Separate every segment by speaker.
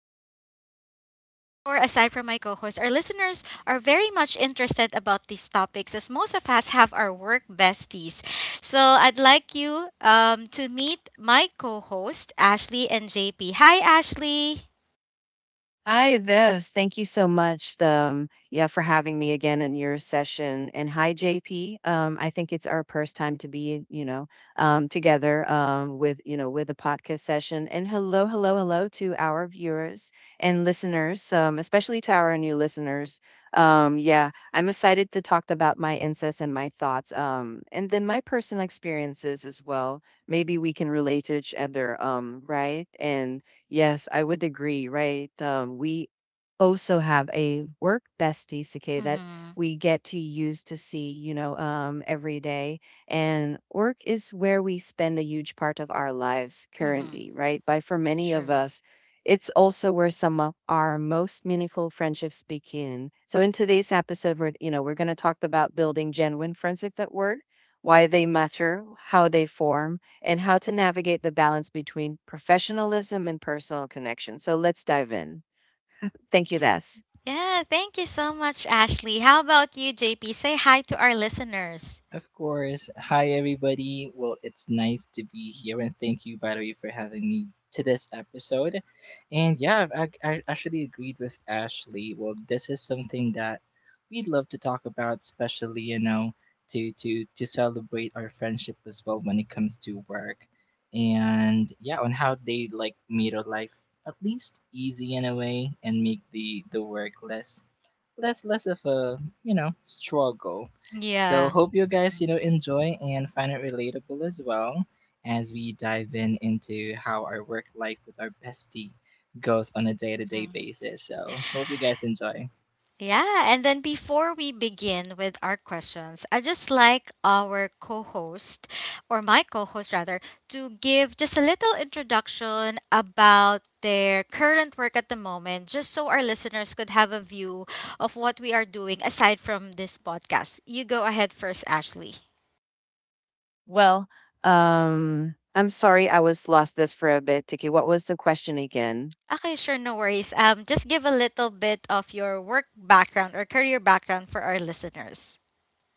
Speaker 1: at work. And I'm sure, aside from my co host, our listeners are very much interested about these topics as most of us have our work besties. So I'd like you to meet my co host, Ashley and JP. Hi, Ashley.
Speaker 2: Hi, this. Thank you so much, yeah, for having me again in your session. And hi, JP. I think it's our first time to be, together with, with a podcast session. And hello, hello, hello to our viewers and listeners, especially to our new listeners. Yeah, I'm excited to talk about my insights and my thoughts, and then my personal experiences as well. Maybe we can relate to each other, right? And yes, I would agree, right? We also have a work bestie, Sakay, that
Speaker 1: Mm-hmm.
Speaker 2: we get to use to see, every day. And work is where we spend a huge part of our lives
Speaker 1: Mm-hmm.
Speaker 2: currently, right? But for many of
Speaker 1: True.
Speaker 2: us, it's also where some of our most meaningful friendships begin. So in today's episode, we're going to talk about building genuine friendships at work, why they matter, how they form and how to navigate the balance between professionalism and personal connection. So let's dive in. Thank you, Das.
Speaker 1: Yeah, thank you so much, Ashley. How about you, JP? Say hi to our listeners.
Speaker 3: Of course. Hi, everybody. Well, it's nice to be here, and thank you, by the way, for having me to this episode. And yeah, I actually agreed with Ashley. Well, this is something that we'd love to talk about, especially to celebrate our friendship as well when it comes to work, and yeah, on how they like made our life at least easy in a way and make the work less less of a struggle. So
Speaker 1: Yeah.
Speaker 3: hope you guys enjoy and find it relatable as well as we dive in into how our work life with our bestie goes on a day to day basis. So hope you guys enjoy.
Speaker 1: Yeah, and then before we begin with our questions, I just like our co-host or my co-host rather to give just a little introduction about their current work at the moment just so our listeners could have a view of what we are doing aside from this podcast. You go ahead first, Ashley.
Speaker 2: Well, I'm sorry I was lost this for a bit, Tiki. What was the question again?
Speaker 1: Okay, sure, no worries. Just give a little bit of your work background or career background for our listeners.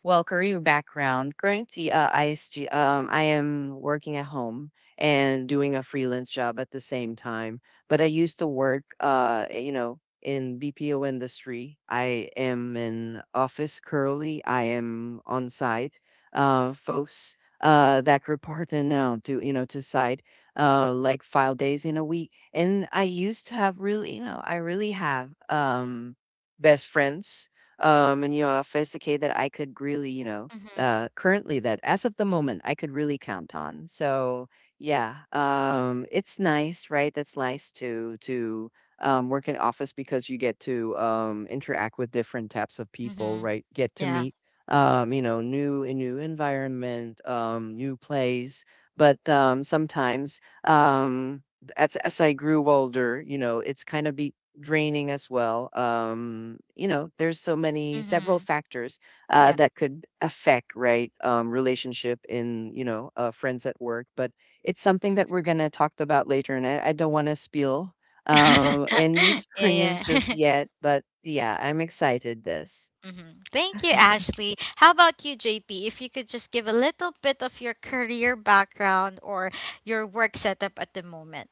Speaker 2: Well, career background. Currently, I am working at home and doing a freelance job at the same time. But I used to work, in BPO industry. I am in office currently. I am on site, folks that report in now to to site, like 5 days in a week. And I used to have really, I really have best friends in your office, okay, that I could really,
Speaker 1: Mhm.
Speaker 2: currently that as of the moment I could really count on. So yeah, it's nice, right? That's nice to work in office because you get to interact with different types of people,
Speaker 1: Mhm.
Speaker 2: right? Get to
Speaker 1: Yeah.
Speaker 2: meet, new a new environment, new place. But sometimes as I grew older, you know, it's kind of be draining as well. You know, there's so many several
Speaker 1: Mhm.
Speaker 2: factors
Speaker 1: Yeah.
Speaker 2: that could affect right relationship in friends at work. But it's something that we're gonna talk about later, and I don't want to spill any
Speaker 1: Yeah, yeah.
Speaker 2: experiences yet. But yeah, I'm excited. This.
Speaker 1: hmm Thank you, Ashley. How about you, JP? If you could just give a little bit of your career background or your work setup at the moment.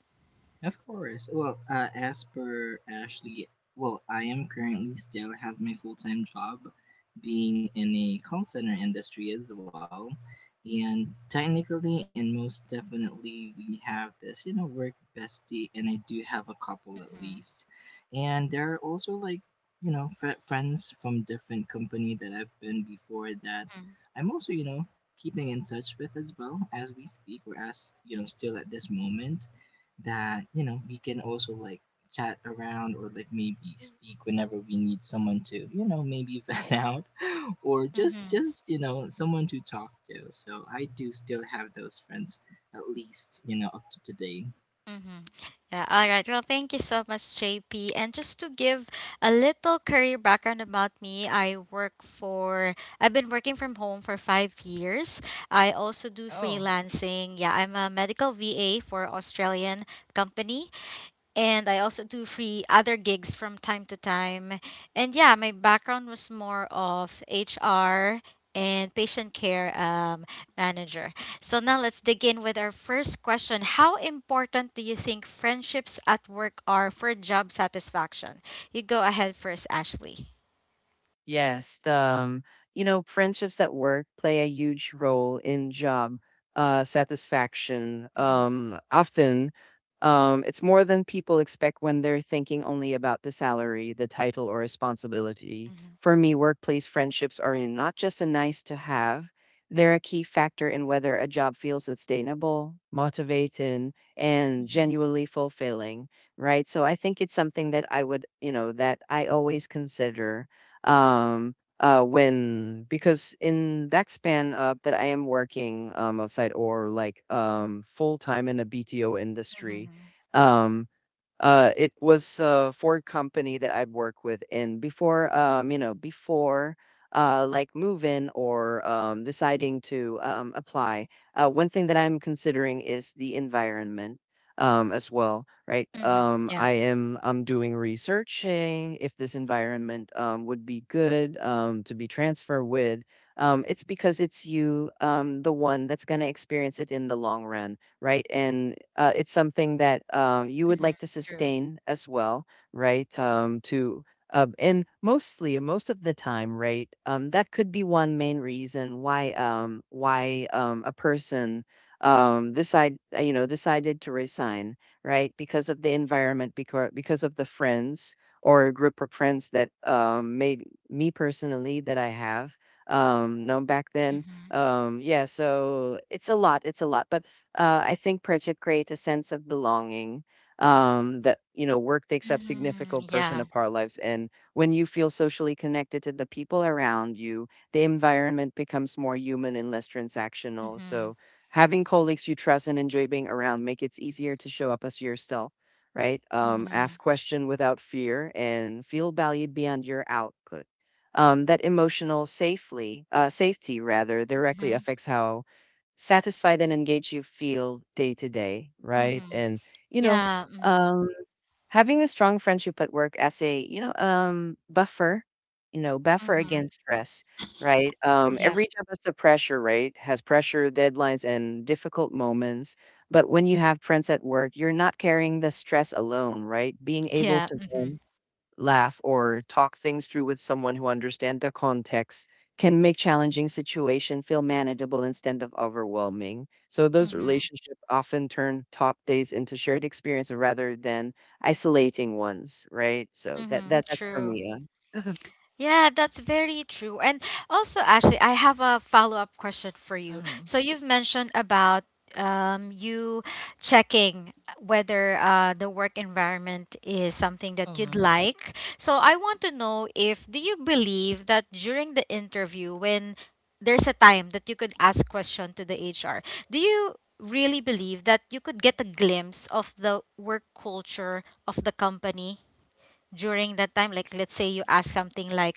Speaker 3: Of course. Well, as per Ashley, well, I am currently still have my full time job, being in a call center industry as well, and technically and most definitely we have this, you know, work bestie, and I do have a couple at
Speaker 1: Mhm,
Speaker 3: least, and there are also like, you know, friends from different company that I've been before that
Speaker 1: mhm,
Speaker 3: I'm also, you know, keeping in touch with as well as we speak or as you know still at this moment that you know we can also like chat around or like maybe speak whenever we need someone to you know maybe vent out or just
Speaker 1: mhm,
Speaker 3: just you know someone to talk to. So I do still have those friends at least you know up to today.
Speaker 1: mhm. Yeah, all right. Well, thank you so much, JP. And just to give a little career background about me, I work for, I've been working from home for five years. I also do
Speaker 2: Oh,
Speaker 1: freelancing. Yeah, I'm a medical VA for Australian company. And I also do free other gigs from time to time. And yeah, my background was more of HR and patient care, manager. So now let's dig in with our first question. How important do you think friendships at work are for job satisfaction? You go ahead first, Ashley.
Speaker 2: yes, you know, friendships at work play a huge role in job satisfaction.
Speaker 1: Mhm,
Speaker 2: Often, it's more than people expect when they're thinking only about the salary, the title, or responsibility.
Speaker 1: mhm,
Speaker 2: For me, workplace friendships are not just a nice to have, they're a key factor in whether a job feels sustainable, motivating, and
Speaker 1: mhm,
Speaker 2: genuinely fulfilling, right? So I think it's something that I would, that I always consider when because in that span up that I am working outside or like full time in a BTO industry
Speaker 1: mhm,
Speaker 2: um it was a Ford company that I'd worked with, and before, before like moving or deciding to apply, one thing that I'm considering is the environment as well, right?
Speaker 1: mhm. Yeah.
Speaker 2: I am I'm doing researching if this environment would be good to be transferred with. It's because it's you, the one that's gonna experience it in the long run right? And it's something that you would
Speaker 1: Mhm,
Speaker 2: like to
Speaker 1: true.
Speaker 2: sustain as well, right? To and mostly, most of the time, right? That could be one main reason why a person decided to resign, right? Because of the environment, because of the friends or a group of friends that made me personally that I have known back then
Speaker 1: Mhm,
Speaker 2: yeah, so but I think project create a sense of belonging. That You know, work takes up
Speaker 1: mhm,
Speaker 2: significant portion
Speaker 1: yeah.
Speaker 2: of our lives, and when you feel socially connected to the people around you, the environment becomes more human and less transactional.
Speaker 1: Mhm,
Speaker 2: So, having colleagues you trust and enjoy being around make it easier to show up as yourself, right? Ask
Speaker 1: mhm,
Speaker 2: question without fear and feel valued beyond your output that emotional safely safety rather directly
Speaker 1: mhm,
Speaker 2: affects how satisfied and engaged you feel day to day right
Speaker 1: mhm.
Speaker 2: and you know
Speaker 1: Yeah. Mhm.
Speaker 2: um, having a strong friendship at work as a buffer buffer
Speaker 1: Mm-hmm.
Speaker 2: against stress right
Speaker 1: Yeah.
Speaker 2: every job has the pressure right has pressure deadlines and difficult moments but when you have friends at work you're not carrying the stress alone right being able
Speaker 1: Yeah.
Speaker 2: to
Speaker 1: Mm-hmm.
Speaker 2: laugh or talk things through with someone who understands the context can make challenging situation feel manageable instead of overwhelming. So those
Speaker 1: Mm-hmm.
Speaker 2: relationships often turn top days into shared experience rather than isolating ones, right? So that
Speaker 1: Mm-hmm.
Speaker 2: that that's for
Speaker 1: True.
Speaker 2: me. uh.
Speaker 1: Yeah, that's very true. And also, Ashley, I have a follow-up question for you.
Speaker 2: Mhm.
Speaker 1: So you've mentioned about you checking whether the work environment is something
Speaker 2: Mhm.
Speaker 1: that you'd
Speaker 2: Mhm.
Speaker 1: like. So I want to know if do you believe that during the interview, when there's a time that you could ask question to the HR, do you really believe that you could get a glimpse of the work culture of the company during that time, like let's say you ask something like,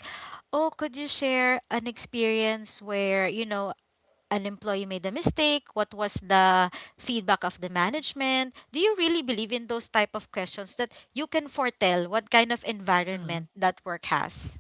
Speaker 1: oh, could you share an experience where, you know, an employee made a mistake, what was the feedback of the management? Do you really believe in those type of questions that you can foretell what kind of environment that work has?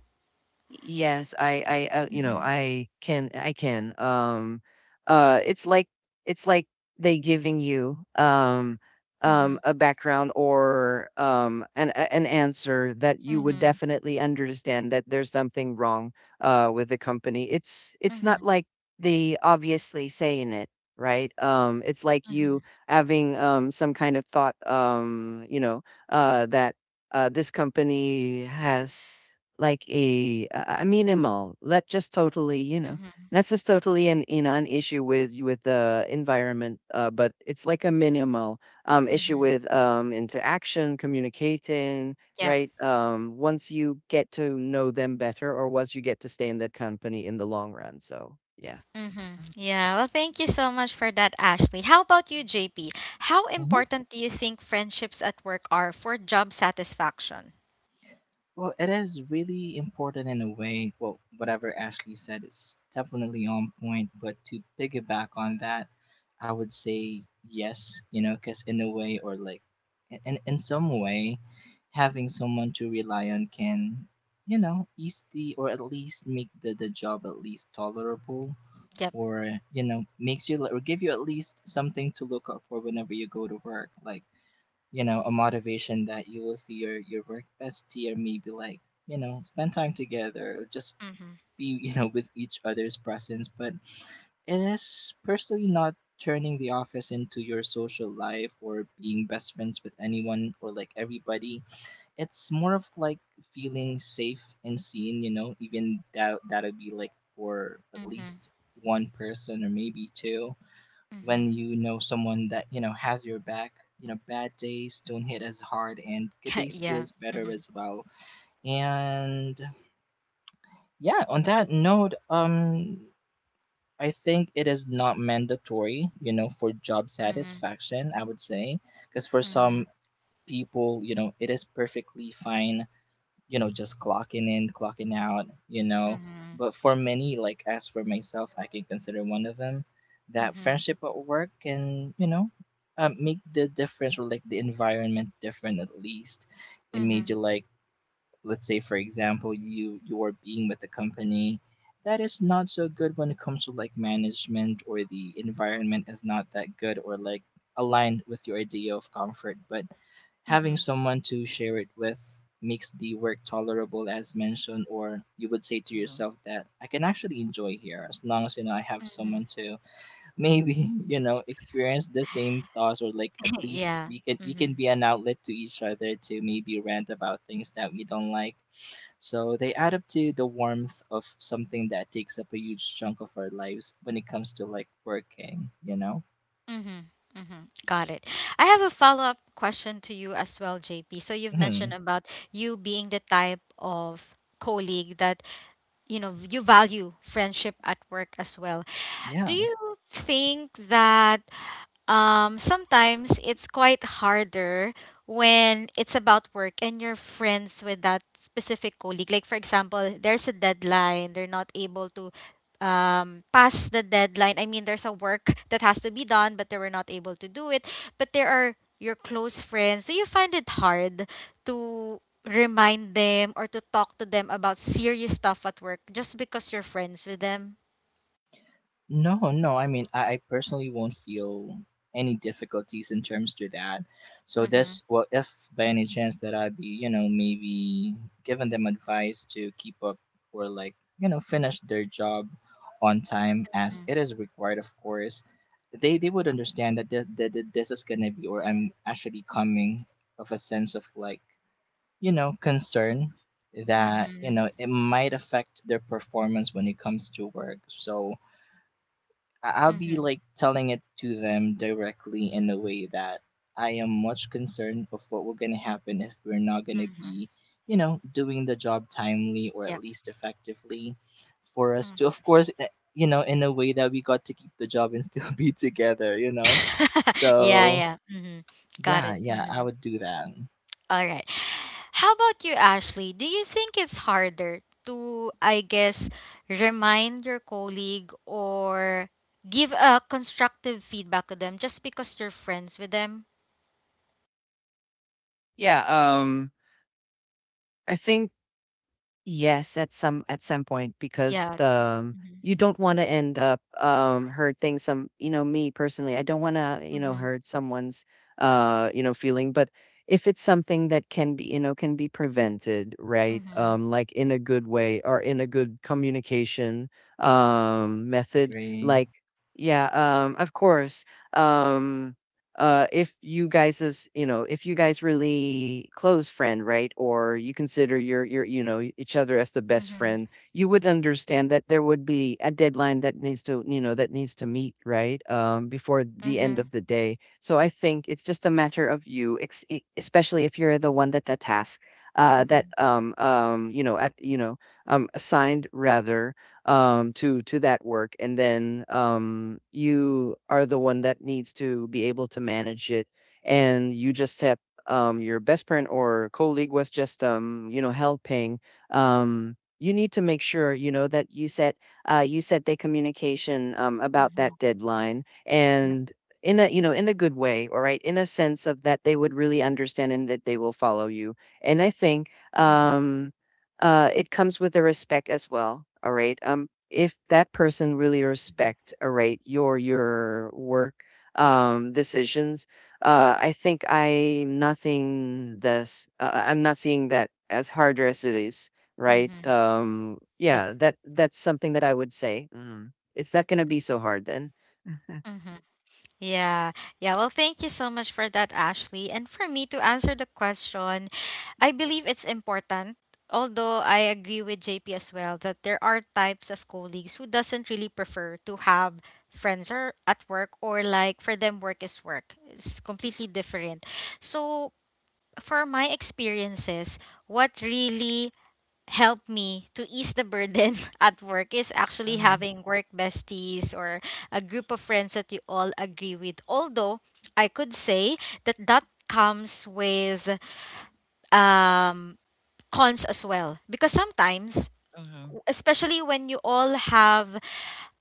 Speaker 2: Yes, I you know,
Speaker 1: Mm-hmm.
Speaker 2: I can I can. It's like it's like they giving you
Speaker 1: Mm-hmm.
Speaker 2: a background or an answer that you would
Speaker 1: Mm-hmm.
Speaker 2: definitely understand that there's something wrong with the company. It's not
Speaker 1: Mm-hmm.
Speaker 2: like they obviously saying it, right? It's like you having some kind of thought you know that this company has like a minimal let just totally
Speaker 1: Mm-hmm.
Speaker 2: that's just totally an an issue with the environment but it's like a minimal issue
Speaker 1: Mm-hmm.
Speaker 2: with interaction communicating right once you get to know them better or once you get to stay in that company in the long run so yeah.
Speaker 1: Mm-hmm.
Speaker 2: Mm,
Speaker 1: Yeah, well, thank you so much for that, Ashley. How about you,
Speaker 2: mm,
Speaker 1: JP? How
Speaker 3: Mm-hmm.
Speaker 1: important do you think friendships at work are for job satisfaction?
Speaker 3: Well, it is really important in a way. Well, whatever Ashley said is definitely on point, but to piggyback on that, I would say yes, you know, because in a way, or like in some way, having someone to rely on can, you know, ease the, or at least make the job at least tolerable,
Speaker 1: Yep.
Speaker 3: or, you know, makes you, or give you at least something to look out for whenever you go to work. Like, you know, a motivation that you will see your work bestie or maybe like you know spend time together or just
Speaker 1: Mm-hmm.
Speaker 3: be you know with each other's presence. But it is personally not turning the office into your social life or being best friends with anyone or like everybody. It's more of like feeling safe and seen, you know, even that'll be like for at
Speaker 1: Mm-hmm.
Speaker 3: least one person or maybe two, when
Speaker 1: Mm-hmm.
Speaker 3: you know someone that you know has your back, you know, bad days don't hit as hard and good days
Speaker 1: Yeah.
Speaker 3: feels better
Speaker 1: Mm-hmm.
Speaker 3: as well. And yeah, on that note, I think it is not mandatory, you know, for job satisfaction, I would say, because for some
Speaker 1: Mm-hmm.
Speaker 3: people, you know, it is perfectly fine, you know, just clocking in, clocking out, you know.
Speaker 1: Mm-hmm.
Speaker 3: But for many, like as for myself, I can consider one of them, that
Speaker 1: Mm-hmm. Mm-hmm.
Speaker 3: friendship at work can, you know, make the difference or like the environment different at least. It made
Speaker 1: Mm-hmm.
Speaker 3: you like, let's say, for example, you are being with a company that is not so good when it comes to like management or the environment is not that good or like aligned with your idea of comfort, but having
Speaker 1: Mm-hmm.
Speaker 3: someone to share it with makes the work tolerable as mentioned, or you would say to yourself that I can actually enjoy here as long as you know I have someone
Speaker 1: Mm-hmm.
Speaker 3: to maybe you know experience the same thoughts, or like at least
Speaker 1: Yeah.
Speaker 3: we can
Speaker 1: Mm-hmm.
Speaker 3: be an outlet to each other to maybe rant about things that we don't like. So they add up to the warmth of something that takes up a huge chunk of our lives when it comes to like working, you know?
Speaker 1: Mm-hmm. Mm-hmm. Got it. I have a follow-up question to you as well, JP. So you've mentioned
Speaker 3: Hmm.
Speaker 1: about you being the type of colleague that, you know, you value friendship at work as well. Do
Speaker 3: Yeah.
Speaker 1: you think that sometimes it's quite harder when it's about work and you're friends with that specific colleague? Like, for example, there's a deadline, they're not able to pass the deadline. I mean, there's a work that has to be done, but they were not able to do it. But there are your close friends. Do you find it hard to remind them or to talk to them about serious stuff at work just because you're friends with them?
Speaker 3: No, no. I mean, I personally won't feel any difficulties in terms to that. So
Speaker 1: Mm-hmm.
Speaker 3: this, well, if by any chance that I'd be, you know, maybe giving them advice to keep up or like, you know, finish their job on time as
Speaker 1: Mm-hmm.
Speaker 3: it is required, of course, they would understand that that that this is gonna be, or I'm actually coming of a sense of like, you know, concern that you
Speaker 1: Mm-hmm.
Speaker 3: know it might affect their performance when it comes to work. So I'll be
Speaker 1: Mm-hmm.
Speaker 3: like telling it to them directly in a way that I am much concerned of what will gonna happen if we're not gonna be, you know, doing the job timely or at
Speaker 1: Yep.
Speaker 3: least effectively for us to of course you know, in a way that we got to keep the job and still be together, you know?
Speaker 1: Yeah,
Speaker 3: So
Speaker 1: yeah. hmm Got
Speaker 3: yeah,
Speaker 1: it.
Speaker 3: yeah, I
Speaker 1: Hmm
Speaker 3: would do that.
Speaker 1: All right. How about you, Ashley? Do you think it's harder to, I guess, remind your colleague or give a constructive feedback to them just because you're friends with them?
Speaker 2: yeah I think yes, at some point because
Speaker 1: Yeah.
Speaker 2: the
Speaker 1: hmm
Speaker 2: you don't want to end up hurting some, you know, me personally, I don't want to, you know,
Speaker 1: hmm
Speaker 2: hurt someone's you know, feeling, but if it's something that can be, you know, can be prevented, right?
Speaker 1: hmm
Speaker 2: Like in a good way or in a good communication method,
Speaker 3: Agree.
Speaker 2: like yeah, of course. Um if you guys is you know if you guys really close friend right or you consider your you know e, each other as the best
Speaker 1: hmm
Speaker 2: friend you would understand that there would be a deadline that needs to you know that needs to meet right before the end
Speaker 1: hmm
Speaker 2: of the day so I think it's just a matter of especially if you're the one that the task
Speaker 1: hmm
Speaker 2: that you know at you know assigned rather to that work, and then you are the one that needs to be able to manage it, and you just have your best friend or colleague was just helping. You need to make sure you know that you set the communication about
Speaker 1: hmm
Speaker 2: that deadline
Speaker 1: Yep.
Speaker 2: and in a in a good way all right in a sense of that they would really understand and that they will follow you and I think
Speaker 1: Mm-hmm.
Speaker 2: it comes with the respect as well. All right. If that person really respect, all right, your work decisions, I think I'm nothing this. I'm not seeing that as harder as it is, right?
Speaker 1: hmm Yep.
Speaker 2: Yeah, that that's something that I would say. Mm, it's not gonna be so hard then.
Speaker 1: Mhm. Yeah, yeah. Well, thank you so much for that, Ashley. And for me to answer the question, I believe it's important. Although I agree with JP as well that there are types of colleagues who doesn't really prefer to have friends or at work, or like for them work is work. It's completely different. So for my experiences, what really help me to ease the burden at work is actually
Speaker 2: Uh-huh.
Speaker 1: having work besties or a group of friends that you all agree with. Although I could say that that comes with um, cons as well, because sometimes
Speaker 2: Uh-huh.
Speaker 1: especially when you all have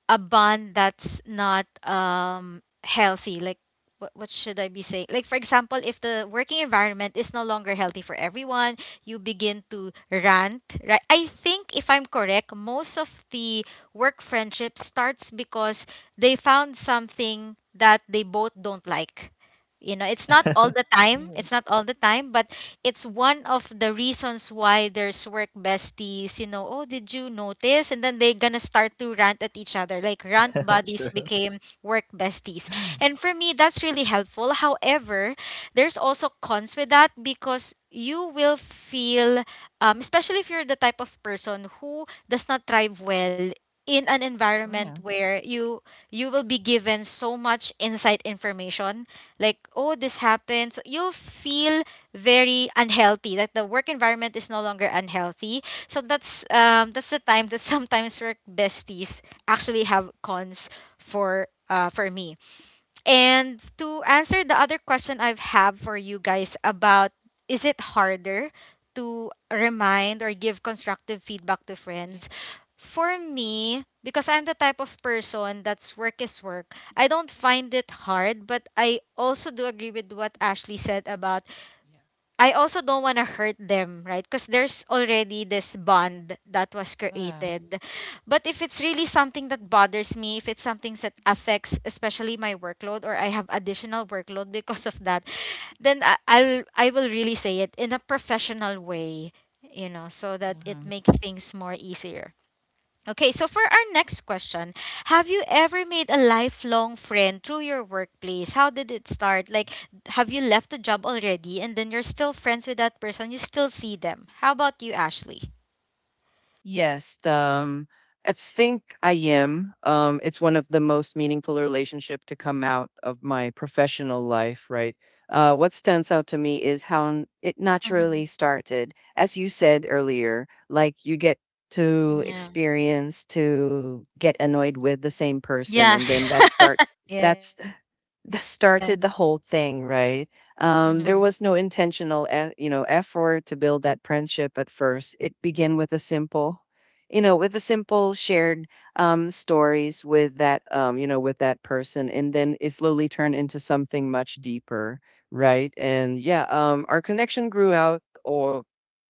Speaker 1: a bond that's not healthy, like what should I be saying? Like for example, if the working environment is no longer healthy for everyone, you begin to rant, right? I think if I'm correct, most of the work friendship starts because they found something that they both don't like. You know, it's not all the time,
Speaker 2: Yeah.
Speaker 1: it's not all the time, but it's one of the reasons why there's work besties, you know, oh, did you notice? And then they're gonna start to rant at each other. Like rant buddies
Speaker 3: True.
Speaker 1: became work besties. And for me, that's really helpful. However, there's also cons with that, because you will feel, especially if you're the type of person who does not thrive well in an environment
Speaker 2: Wow.
Speaker 1: where you will be given so much inside information, like, oh, this happened, so you'll feel very unhealthy that the work environment is no longer unhealthy. So that's um, that's the time that sometimes work besties actually have cons for me. And to answer the other question I've have for you guys about, is it harder to remind or give constructive feedback to
Speaker 2: Yeah.
Speaker 1: friends? For me, because I'm the type of person that's work is work, I don't find it hard, but I also do agree with what Ashley said about,
Speaker 2: Yeah.
Speaker 1: I also don't want to hurt them, right? Because there's already this bond that was
Speaker 2: Wow.
Speaker 1: created. But if it's really something that bothers me, if it's something that affects especially my workload or I have additional workload because of that, then I will really say it in a professional way, you know, so that it
Speaker 2: Uh-huh.
Speaker 1: makes things more easier. Okay, so for our next question, have you ever made a lifelong friend through your workplace? How did it start? Like, have you left the job already and then you're still friends with that person? You still see them. How about you, Ashley?
Speaker 2: Yes, I think I am. It's one of the most meaningful relationship to come out of my professional life, right? What stands out to me is how it naturally
Speaker 1: Mm-hmm.
Speaker 2: started. As you said earlier, like you get to
Speaker 1: Yeah.
Speaker 2: experience to get annoyed with the same person,
Speaker 1: Yeah.
Speaker 2: and then
Speaker 1: Yeah.
Speaker 2: that's that started the whole thing, right? There
Speaker 1: Mm-hmm.
Speaker 2: was no intentional, effort to build that friendship at first. It began with a simple, with a simple shared stories with that, with that person, and then it slowly turned into something much deeper, right? And yeah, our connection grew out or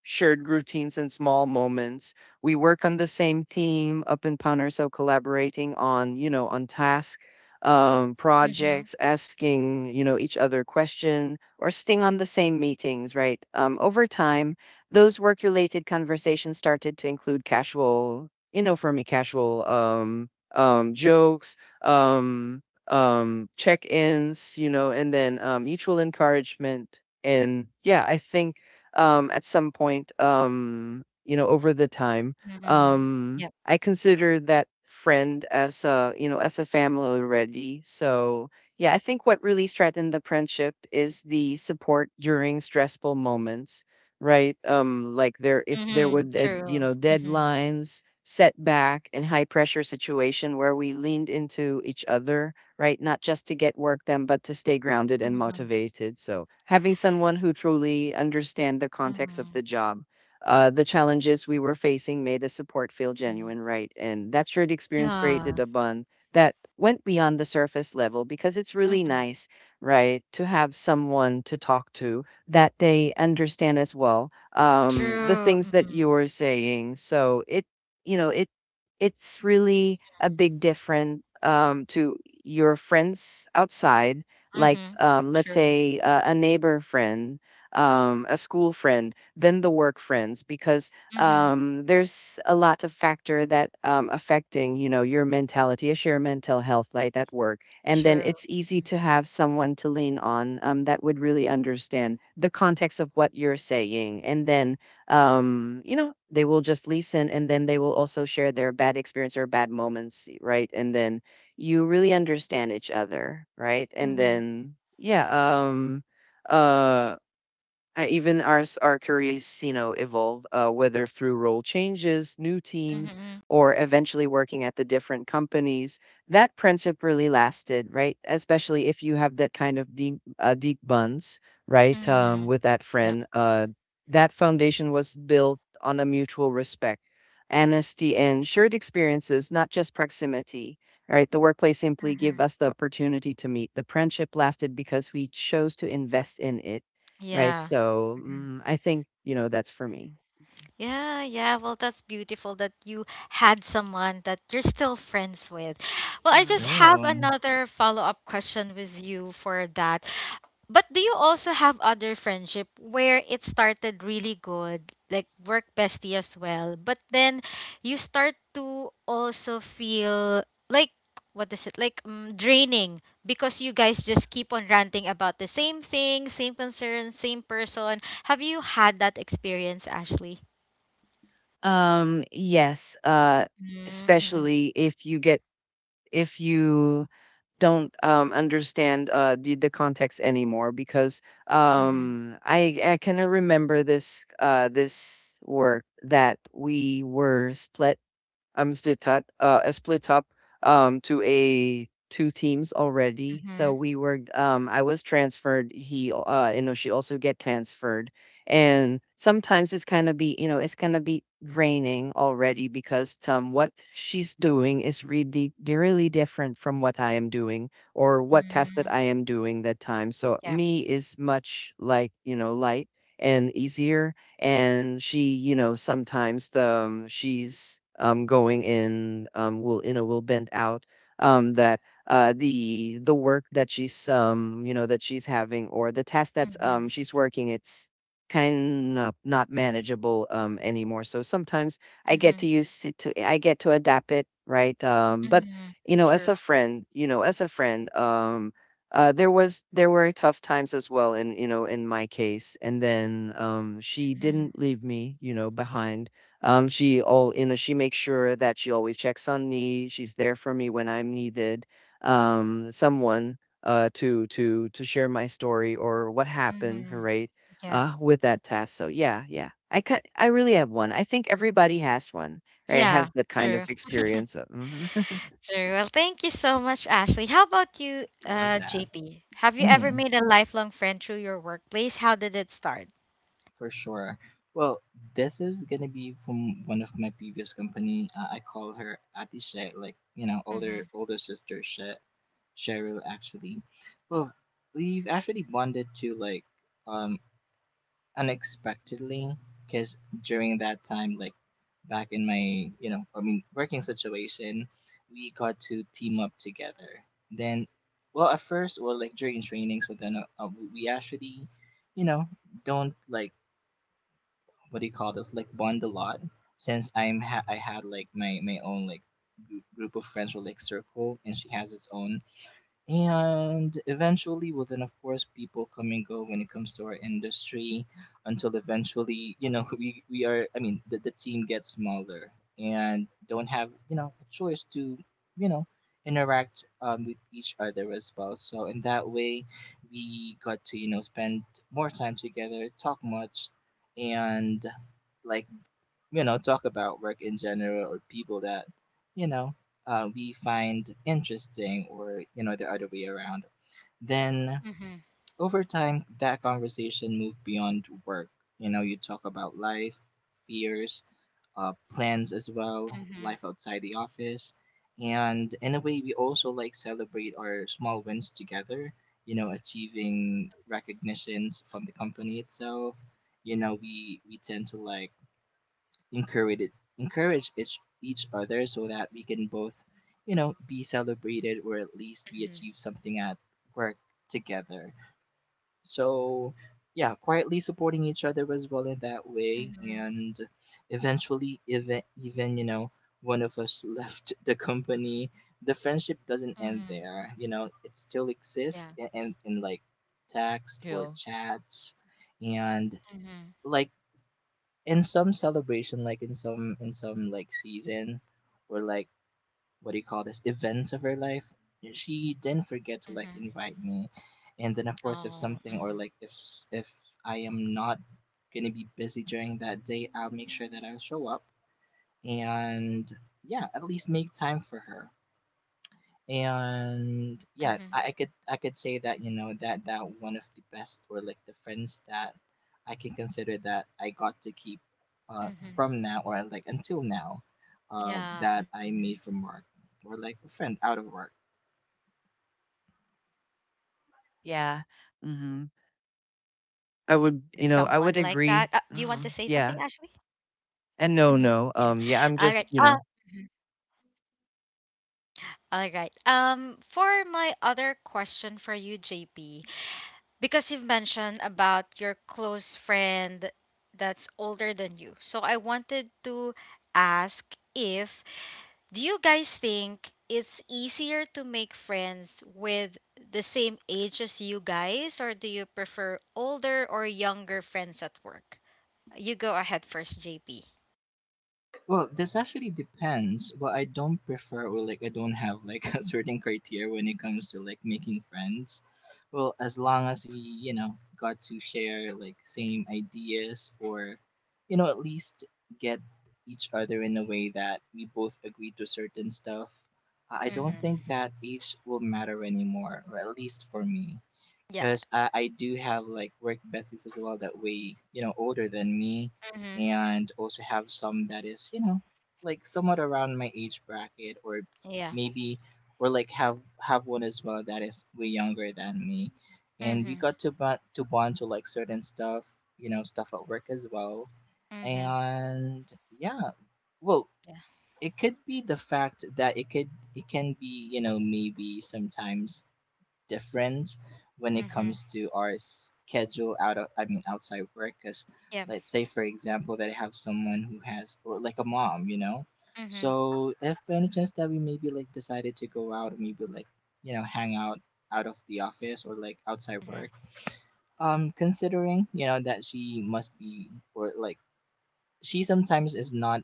Speaker 2: shared routines and small moments. We work on the same team up in Paner, so collaborating on, on tasks
Speaker 1: Mm-hmm.
Speaker 2: projects, asking each other question, or sitting on the same meetings. Right. Over time, those work-related conversations started to include casual, for me, casual jokes, um, check-ins, and then mutual encouragement. And yeah, I think at some point, over the time.
Speaker 1: Mm-hmm. Yep.
Speaker 2: Um, I consider that friend as a you know as a family already. So yeah, I think what really strengthened the friendship is the support during stressful moments, right? Like there if there
Speaker 1: Mm-hmm.
Speaker 2: were
Speaker 1: True. Mm-hmm.
Speaker 2: deadlines, setback, and high pressure situation where we leaned into each other, right? Not just to get work done, but to stay grounded and
Speaker 1: Mm-hmm.
Speaker 2: motivated. So having someone who truly understand the context of
Speaker 1: Mm-hmm.
Speaker 2: the job, the challenges we were facing made the support feel genuine, right? And that shared experience
Speaker 1: Yeah.
Speaker 2: created a bond that went beyond the surface level because it's really
Speaker 1: Mm-hmm.
Speaker 2: nice, right, to have someone to talk to that they understand as well the
Speaker 1: True.
Speaker 2: things that
Speaker 1: Mm-hmm.
Speaker 2: you're saying. So it it's really a big difference to your friends outside, like
Speaker 1: Mm-hmm.
Speaker 2: let's
Speaker 1: True.
Speaker 2: say a neighbor friend, a school friend than the work friends because
Speaker 1: Mm-hmm.
Speaker 2: there's a lot of factor that affecting you know your mentality is your mental health like at work, and then
Speaker 1: True.
Speaker 2: it's easy to have someone to lean on that would really understand the context of what you're saying. And then you know they will just listen, and then they will also share their bad experience or bad moments, right? And then you really understand each other, right? And
Speaker 1: Mm-hmm.
Speaker 2: then uh even as our careers, you know, evolve, whether through role changes, new teams,
Speaker 1: Mm-hmm.
Speaker 2: or eventually working at the different companies, that principle really lasted, right? Especially if you have that kind of deep bonds, right,
Speaker 1: Mm-hmm.
Speaker 2: with that
Speaker 1: Yeah.
Speaker 2: friend. That foundation was built on a mutual respect, honesty, and shared experiences, not just proximity. All right, the workplace simply gave
Speaker 1: Mm-hmm.
Speaker 2: us the opportunity to meet. The friendship lasted because we chose to invest in it. Right,
Speaker 1: Yeah.
Speaker 2: so,
Speaker 1: Mm-hmm.
Speaker 2: I think, you know, that's for me.
Speaker 1: Yeah, yeah. Well, that's beautiful that you had someone that you're still friends with. Well, I just
Speaker 2: Mm.
Speaker 1: have
Speaker 3: True.
Speaker 1: another follow-up question with you for that. But do you also have other friendship where it started really good, like work bestie as well, but then you start to also feel like, what is it like, draining because you guys just keep on ranting about the same thing, same concern, same person? Have you had that experience, Ashley?
Speaker 2: Yes,
Speaker 1: Mm-hmm, mm-hmm,
Speaker 2: especially if you get if you don't, understand, the context anymore because,
Speaker 1: mm-hmm,
Speaker 2: I can remember this, this work that we were split up to a two teams already. So we were I was transferred. He you know she also get transferred, and sometimes it's kind of be you know it's kind of be draining already because what she's doing is really really different from what I am doing or what task
Speaker 1: mm-hmm,
Speaker 2: that I am doing that time. So
Speaker 1: yeah.
Speaker 2: me is much like you know light and easier. And she you know sometimes the she's going in will you know will bend out that the work that she's that she's having, or the task that's
Speaker 1: Mm-hmm,
Speaker 2: she's working, it's kind of not manageable anymore. So sometimes
Speaker 1: mm-hmm,
Speaker 2: I get to adapt it, right? But
Speaker 1: mm-hmm,
Speaker 2: you know as
Speaker 1: true.
Speaker 2: a friend, you know as a friend there was there were tough times as well in you know in my case. And then she
Speaker 1: Mm-hmm,
Speaker 2: didn't leave me you know behind. Um she all you know she makes sure that she always checks on me, she's there for me when I'm needed, someone to share my story or what happened,
Speaker 1: mm-hmm,
Speaker 2: right,
Speaker 1: yeah.
Speaker 2: with that task. So yeah yeah I cut. I really have one. I think everybody has one, right,
Speaker 1: Yeah,
Speaker 2: has that kind
Speaker 1: true.
Speaker 2: of experience. Mhm.
Speaker 1: Sure. Well, thank you so much, Ashley. How about you,
Speaker 3: Love that.
Speaker 1: JP? Have you ever
Speaker 3: Mhm.
Speaker 1: made a lifelong friend through your workplace? How did it start?
Speaker 3: For sure. Well, this is gonna be from one of my previous company. I call her Ati Shay, like you know,
Speaker 1: Mm-hmm.
Speaker 3: older sister Shay, Cheryl actually. Well, we've actually bonded to like um unexpectedly, because during that time, like back in my you know, I mean working situation, we got to team up together. Then, well, at first, well, like during trainings, but then we actually, you know, don't like what do you call this like bond a lot, since I had like my own like group of friends or like circle, and she has its own. And eventually, well, then of course, people come and go when it comes to our industry, until eventually, you know, we are, I mean, the team gets smaller and don't have, you know, a choice to, you know, interact with each other as well. So in that way, we got to, you know, spend more time together, talk much, and like you know, talk about work in general or people that, you know, we find interesting or, you know, the other way around. Then
Speaker 1: Mm-hmm.
Speaker 3: over time, that conversation moved beyond work. You know, you talk about life, fears, plans as well,
Speaker 1: Mm-hmm.
Speaker 3: life outside the office. And in a way, we also like celebrate our small wins together, you know, achieving recognitions from the company itself. You know, we tend to like encourage it, encourage each other, so that we can both, you know, be celebrated or at least we
Speaker 1: Mm-hmm.
Speaker 3: achieve something at work together. So, yeah, quietly supporting each other as well in that way,
Speaker 1: Mm-hmm.
Speaker 3: and eventually, even you know, one of us left the company, the friendship doesn't end
Speaker 1: Mm-hmm.
Speaker 3: there. You know, it still exists
Speaker 1: Yeah.
Speaker 3: and in and like text or
Speaker 2: True.
Speaker 3: chats, and
Speaker 1: Mm-hmm.
Speaker 3: like in some celebration, like in some like season or like what do you call this events of her life, she didn't forget to like
Speaker 1: Mm-hmm.
Speaker 3: invite me. And then of course, if
Speaker 1: Oh.
Speaker 3: something or
Speaker 1: Mm-hmm.
Speaker 3: like if I am not gonna be busy during that day, I'll make sure that I'll show up and yeah, at least make time for her. And yeah,
Speaker 1: Mm-hmm.
Speaker 3: I could say that you know that that one of the best or like the friends that I can consider that I got to keep uh
Speaker 1: Mm-hmm.
Speaker 3: from now or like until now
Speaker 1: Yeah.
Speaker 3: that I
Speaker 1: Mm-hmm.
Speaker 3: made from work or like a friend out of work.
Speaker 1: Mm-hmm. Wow. Well, I'm also glad, JP,
Speaker 2: Yeah.
Speaker 1: that you had
Speaker 2: Mhm.
Speaker 1: someone like that. Do you want to say something, Ashley?
Speaker 2: I would agree. Mhm, yeah.
Speaker 1: Mm-hmm. Yeah. All
Speaker 2: And
Speaker 1: right.
Speaker 2: no, no, yeah,
Speaker 1: Mhm.
Speaker 2: I'm just, you know.
Speaker 1: All right. For my other question for you, JP, because you've mentioned about your close friend that's older than you. So I wanted to ask, if do you guys think it's easier to make friends with the same age as you guys, or do you prefer older or younger friends at work? You go ahead first, JP.
Speaker 3: Well, this actually depends. Well, I don't prefer or like I don't have like a certain criteria when it comes to like making friends. Well, as long as we, you know, got to share like same ideas or you know, at least get each other in a way that we both agree to certain stuff. I don't
Speaker 1: Mhm.
Speaker 3: think that age will matter anymore, or at least for me,
Speaker 1: Yeah.
Speaker 3: because I do have like work besties as well that way you know older than me,
Speaker 1: Mhm.
Speaker 3: and also have some that is you know like somewhat around my age bracket, or
Speaker 1: Yeah.
Speaker 3: maybe, or like have one as well that is way younger than me, and we
Speaker 1: Mhm.
Speaker 3: got to bond to like certain stuff, you know, stuff at work as well.
Speaker 1: Mhm.
Speaker 3: And yeah, well, it could be the fact that it can be you know maybe sometimes difference when it comes
Speaker 1: Mhm.
Speaker 3: to our schedule out of, I mean, outside work. Because
Speaker 1: Yeah.
Speaker 3: let's say, for example, that I have someone who has or like a mom, you know, so
Speaker 1: Mhm.
Speaker 3: if by any chance that we maybe like decided to go out, maybe like you know hang out out of the office or like outside
Speaker 1: Mhm.
Speaker 3: work, um, considering you know that she must be or like she sometimes is not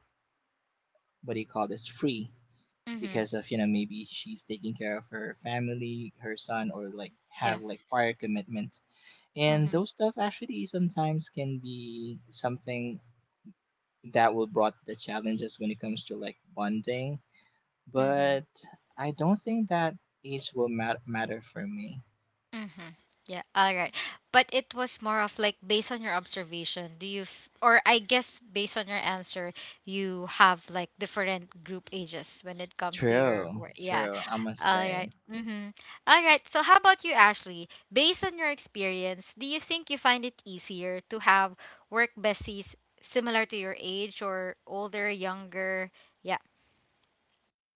Speaker 3: what do you call this free,
Speaker 1: Mhm.
Speaker 3: because of you know maybe she's taking care of her family, her son, or like
Speaker 1: Yeah.
Speaker 3: have like prior commitment. And
Speaker 1: Mhm.
Speaker 3: those stuff actually sometimes can be something that will brought the challenges when it comes to like bonding.
Speaker 1: Mhm.
Speaker 3: But I don't think that age will matter for me.
Speaker 1: Mm-hmm. Yeah, all right. But it was more of like based on your observation, do you, f- or I guess based on your answer, you have like different group ages when it comes to your
Speaker 3: True,
Speaker 1: work. Yeah.
Speaker 3: true, I must
Speaker 1: All right.
Speaker 3: say.
Speaker 1: Mm-hmm. All right. So, how about you, Ashley? Based on your experience, do you think you find it easier to have work besties similar to your age or older, younger? Yeah.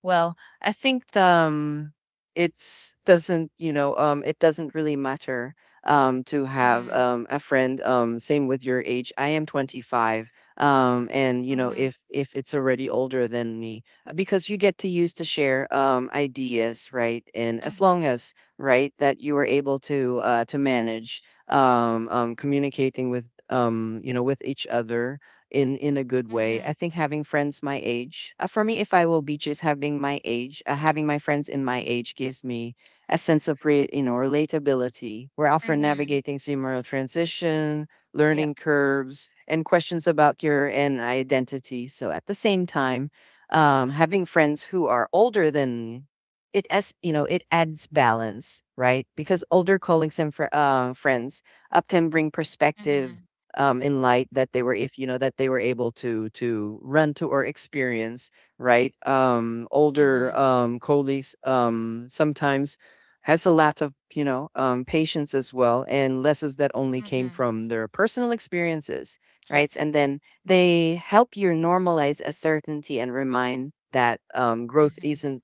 Speaker 2: Well, I think it's doesn't it doesn't really matter to have
Speaker 1: Mm-hmm.
Speaker 2: a friend. Same with your age. I am 25, and you know
Speaker 1: Mm-hmm.
Speaker 2: if it's already older than me, because you get to use to share ideas, right? And as
Speaker 1: Mm-hmm.
Speaker 2: long as right that you are able to manage communicating with you know with each other in a good way.
Speaker 1: Mm-hmm.
Speaker 2: I think having friends my age, for me, if I will be just having my age, having my friends in my age gives me a sense of relatability. We're often
Speaker 1: Mm-hmm.
Speaker 2: navigating similar transition,
Speaker 1: Yep.
Speaker 2: learning curves, and questions about your and identity. So at the same time, having friends who are older than it, as you know it adds balance, right, because older colleagues and friends often bring perspective
Speaker 1: Mm-hmm.
Speaker 2: in light that they were if you know that they were able to run to or experience, right? um, older
Speaker 1: Mm-hmm.
Speaker 2: um, colleagues sometimes has a lot of you know patience as well, and lessons that only came
Speaker 1: Mm-hmm.
Speaker 2: from their personal experiences,
Speaker 1: Yep.
Speaker 2: right? And then they help you normalize uncertainty and remind that growth
Speaker 1: Mhm.
Speaker 2: isn't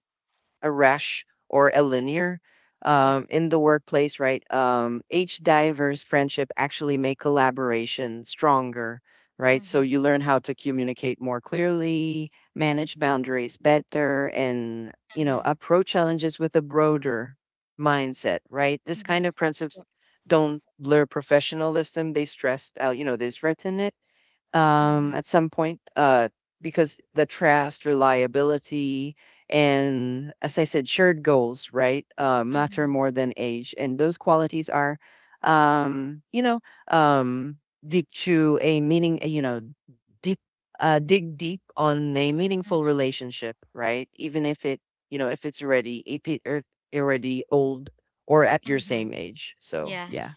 Speaker 2: a rash or a linear,
Speaker 1: Yep.
Speaker 2: in the workplace, right? Age diverse friendship actually make collaboration stronger, right? So
Speaker 1: Mhm.
Speaker 2: you learn how to communicate more clearly, manage boundaries better, and you know
Speaker 1: Mhm.
Speaker 2: approach challenges with a broader mindset, right? This kind
Speaker 1: Mhm.
Speaker 2: of principles
Speaker 1: Yep.
Speaker 2: don't blur professionalism; they stress out, you know, they strengthen it
Speaker 1: Mhm.
Speaker 2: at some point, because the trust, reliability, and as I said, shared goals, right, matter
Speaker 1: Mhm.
Speaker 2: more than age. And those qualities are, um, you know, um, deep to a meaning, you know, deep, dig deep on a meaningful
Speaker 1: Mhm.
Speaker 2: relationship, right? Even if it, you know, if it's already, if it already old or at your
Speaker 1: Mhm.
Speaker 2: same age. So,
Speaker 1: Yeah.
Speaker 2: yeah.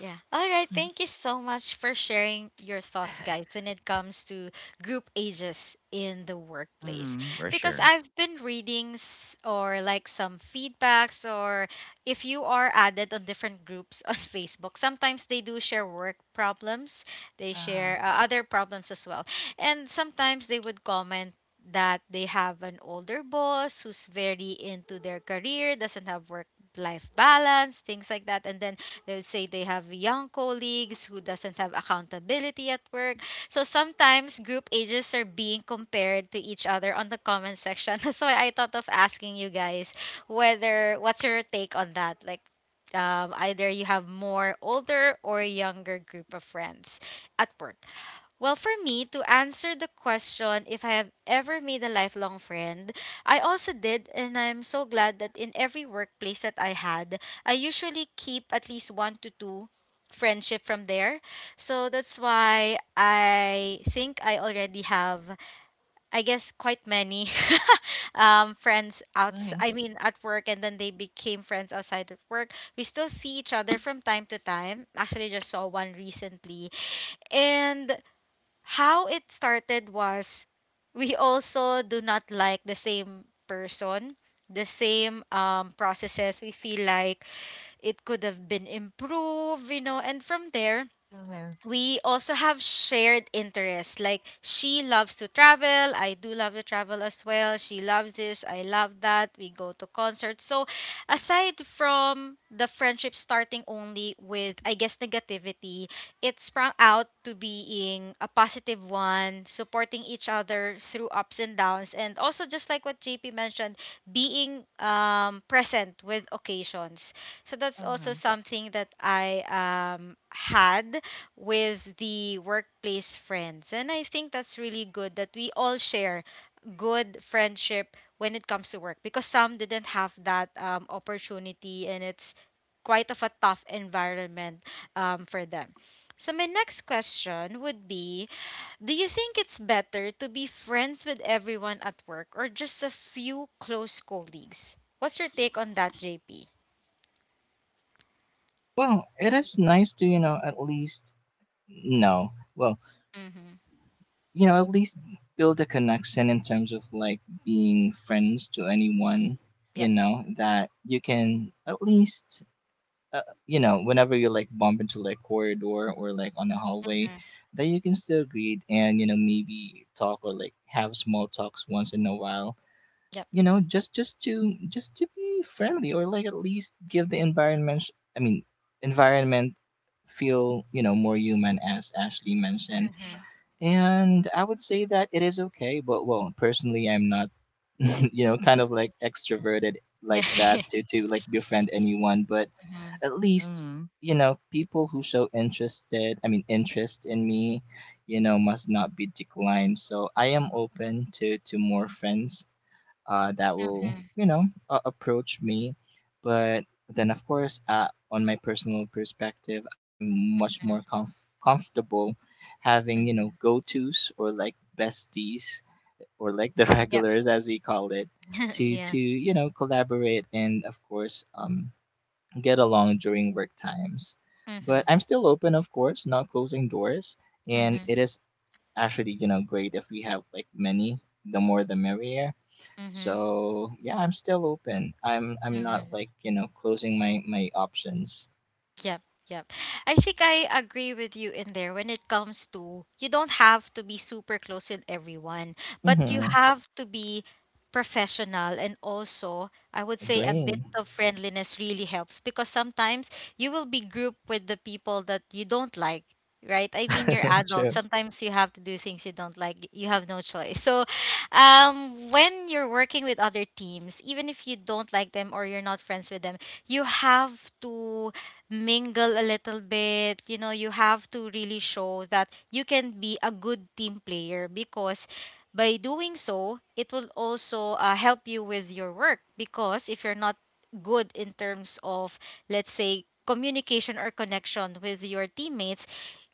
Speaker 1: Yeah. All right. Thank you so much for sharing your thoughts, guys, when it comes to group ages in the workplace.
Speaker 2: Mm-hmm, for
Speaker 1: Because
Speaker 2: sure.
Speaker 1: I've been reading s- or like some feedbacks, or if you are added on different groups on Facebook, sometimes they do share work problems, they
Speaker 2: Uh-huh.
Speaker 1: share other problems as well. And sometimes they would comment that they have an older boss who's very into their career, doesn't have work life balance, things like that. And then they would say they have young colleagues who doesn't have accountability at work. So sometimes group ages are being compared to each other on the comment section. That's why I thought of asking you guys whether what's your take on that? Either you have more older or younger group of friends at work. Well, for me, to answer the question if I have ever made a lifelong friend, I also did, and I'm so glad that in every workplace that I had, I usually keep at least one to two friendship from there. So that's why I think I already have, I guess, quite many friends outs, at work, and then they became friends outside of work. We still see each other from time to time. Actually, just saw one recently. And how it started was we also do not like the same person, the same processes. We feel like it could have been improved, you know, and from there,
Speaker 2: Well,
Speaker 1: we also have shared interests. Like she loves to travel, I do love to travel as well. She loves this, I love that. We go to concerts. So aside from the friendship starting only with I guess negativity, it sprung out to being a positive one, supporting each other through ups and downs and also just like what JP mentioned, being present with occasions. So that's
Speaker 2: okay.
Speaker 1: also something that I had with the workplace friends. And I think that's really good that we all share good friendship when it comes to work because some didn't have that opportunity and it's quite of a tough environment for them. So my next question would be, do you think it's better to be friends with everyone at work or just a few close colleagues? What's your take on that, JP?
Speaker 3: Well, it is nice to, you know, at least, no, well,
Speaker 1: Mm-hmm.
Speaker 3: you know, at least build a connection in terms of being friends to anyone, you
Speaker 1: Yep.
Speaker 3: know, that you can at least you know, whenever you bump into like corridor or like on the hallway,
Speaker 1: Mm-hmm.
Speaker 3: that you can still greet and you know maybe talk or like have small talks once in a while.
Speaker 1: Yep.
Speaker 3: You know, just to be friendly or like at least give the environment. I mean, environment feel you know more human as Ashley mentioned.
Speaker 1: Mm-hmm.
Speaker 3: And I would say that it is okay, but well, personally, I'm not you know kind of like extroverted like
Speaker 1: Yeah.
Speaker 3: that to like befriend anyone, but at least
Speaker 2: Mhm.
Speaker 3: you know people who show interested I mean interest in me, you know, must not be declined, so I am open to more friends that will
Speaker 1: Mhm,
Speaker 3: approach me, but then of course, on my personal perspective, I'm much
Speaker 1: mhm,
Speaker 3: more comfortable having you know
Speaker 1: mhm.
Speaker 3: go-to's or like besties or like the
Speaker 1: Yep.
Speaker 3: regulars as we call it to
Speaker 1: Yeah.
Speaker 3: to you know collaborate and of course get along during work times.
Speaker 1: Mhm,
Speaker 3: But I'm still open, of course, not closing doors. And
Speaker 1: mhm,
Speaker 3: it is actually, you know, great if we have like many, the more the merrier.
Speaker 1: mhm,
Speaker 3: So yeah, I'm still open. I'm not
Speaker 1: mhm.
Speaker 3: like, you know, closing my options.
Speaker 1: Yep, yep. I think I agree with you in there when it comes to you don't have to be super close with everyone, but you
Speaker 3: Mm-hmm.
Speaker 1: have to be professional and also I would say a bit
Speaker 3: Agree.
Speaker 1: of friendliness really helps because sometimes you will be grouped with the people that you don't like. Right? I mean, you're adult.
Speaker 3: True.
Speaker 1: Sometimes you have to do things you don't like. You have no choice. So, when you're working with other teams, even if you don't like them or you're not friends with them, you have to mingle a little bit. You know, you have to really show that you can be a good team player because by doing so, it will also help you with your work because if you're not good in terms of let's say communication or connection with your teammates,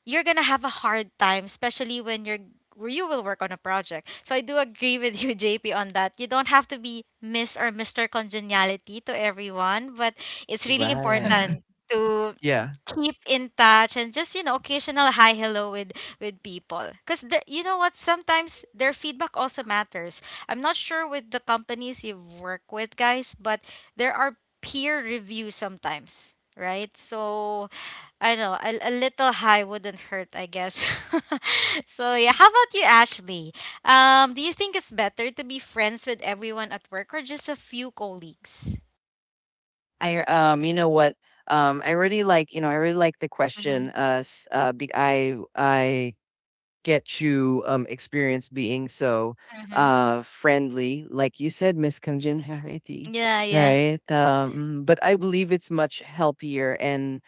Speaker 1: you're gonna have a hard time, especially when you will work on a project. So I do agree with you, JP, on that. You don't have to be Miss or Mr. Congeniality to everyone, but it's really
Speaker 3: Right.
Speaker 1: important to
Speaker 2: Yeah.
Speaker 1: keep in touch and just, you know, occasional hi hello with people because you know what, sometimes their feedback also matters. I'm not sure with the companies you work with, guys, but there are peer reviews sometimes, right? So I know a little high wouldn't hurt, I guess. So yeah, how about you, Ashley? Do you think it's better to be friends with everyone at work or just a few colleagues?
Speaker 2: I you know what? I really like, you know, I really like the question.
Speaker 1: Mhm.
Speaker 2: S- be, I get you experience being so
Speaker 1: Mhm.
Speaker 2: friendly, like you said, Miss Congeniality,
Speaker 1: Yeah. Yeah.
Speaker 2: right? But I believe it's much healthier and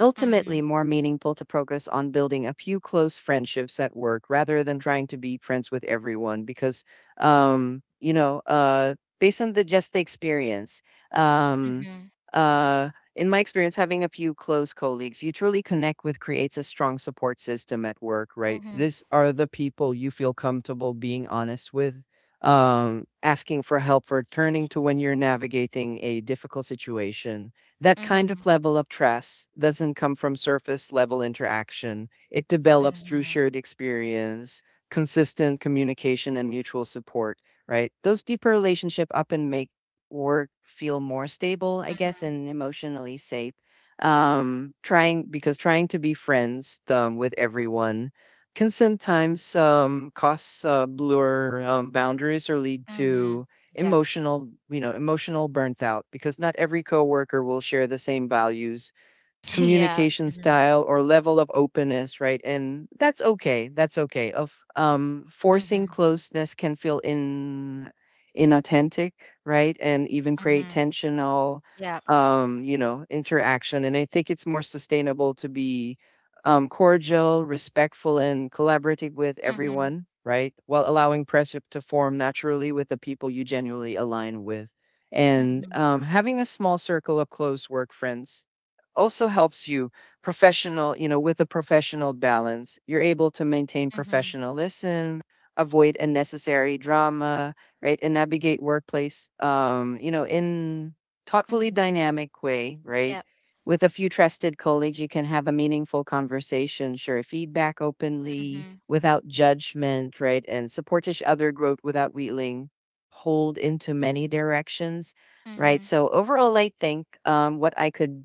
Speaker 2: ultimately
Speaker 1: Mhm.
Speaker 2: more meaningful to focus on building a few close friendships at work rather than trying to be friends with everyone because based on the just the experience, um
Speaker 1: Mhm.
Speaker 2: uh in my experience having a few close colleagues you truly connect with creates a strong support system at work, right?
Speaker 1: Mhm.
Speaker 2: These are the people you feel comfortable being honest with, asking for help, or turning to when you're navigating a difficult situation. That kind of
Speaker 1: Mhm.
Speaker 2: level of trust doesn't come from surface level interaction. It develops through
Speaker 1: Mhm.
Speaker 2: shared experience, consistent communication, and mutual support, right? Those deeper relationships often make work feel more stable, I guess,
Speaker 1: Mhm.
Speaker 2: and emotionally safe. Trying to be friends with everyone can sometimes cause blur boundaries or lead
Speaker 1: Mhm.
Speaker 2: to
Speaker 1: Yeah.
Speaker 2: emotional burnt out because not every coworker will share the same values,
Speaker 1: Yeah.
Speaker 2: communication
Speaker 1: Mhm.
Speaker 2: style, or level of openness, right? And that's okay of forcing
Speaker 1: Mhm.
Speaker 2: closeness can feel in inauthentic, right, and even create
Speaker 1: Mhm.
Speaker 2: tensional
Speaker 1: Yeah.
Speaker 2: interaction. And I think it's more sustainable to be cordial, respectful, and collaborative with
Speaker 1: Mhm.
Speaker 2: everyone, right, while allowing friendship to form naturally with the people you genuinely align with. And
Speaker 1: Mhm.
Speaker 2: having a small circle of close work friends also helps you professional, you know, with a professional balance. You're able to maintain
Speaker 1: Mhm.
Speaker 2: professionalism, avoid unnecessary drama, right? And navigate workplace, in thoughtfully
Speaker 1: Mhm.
Speaker 2: dynamic way, right?
Speaker 1: Yeah.
Speaker 2: With a few trusted colleagues, you can have a meaningful conversation, share feedback openly
Speaker 1: Mhm.
Speaker 2: without judgment, right? And support each other growth without wheeling pulled into many directions, right?
Speaker 1: Mhm.
Speaker 2: So overall, I think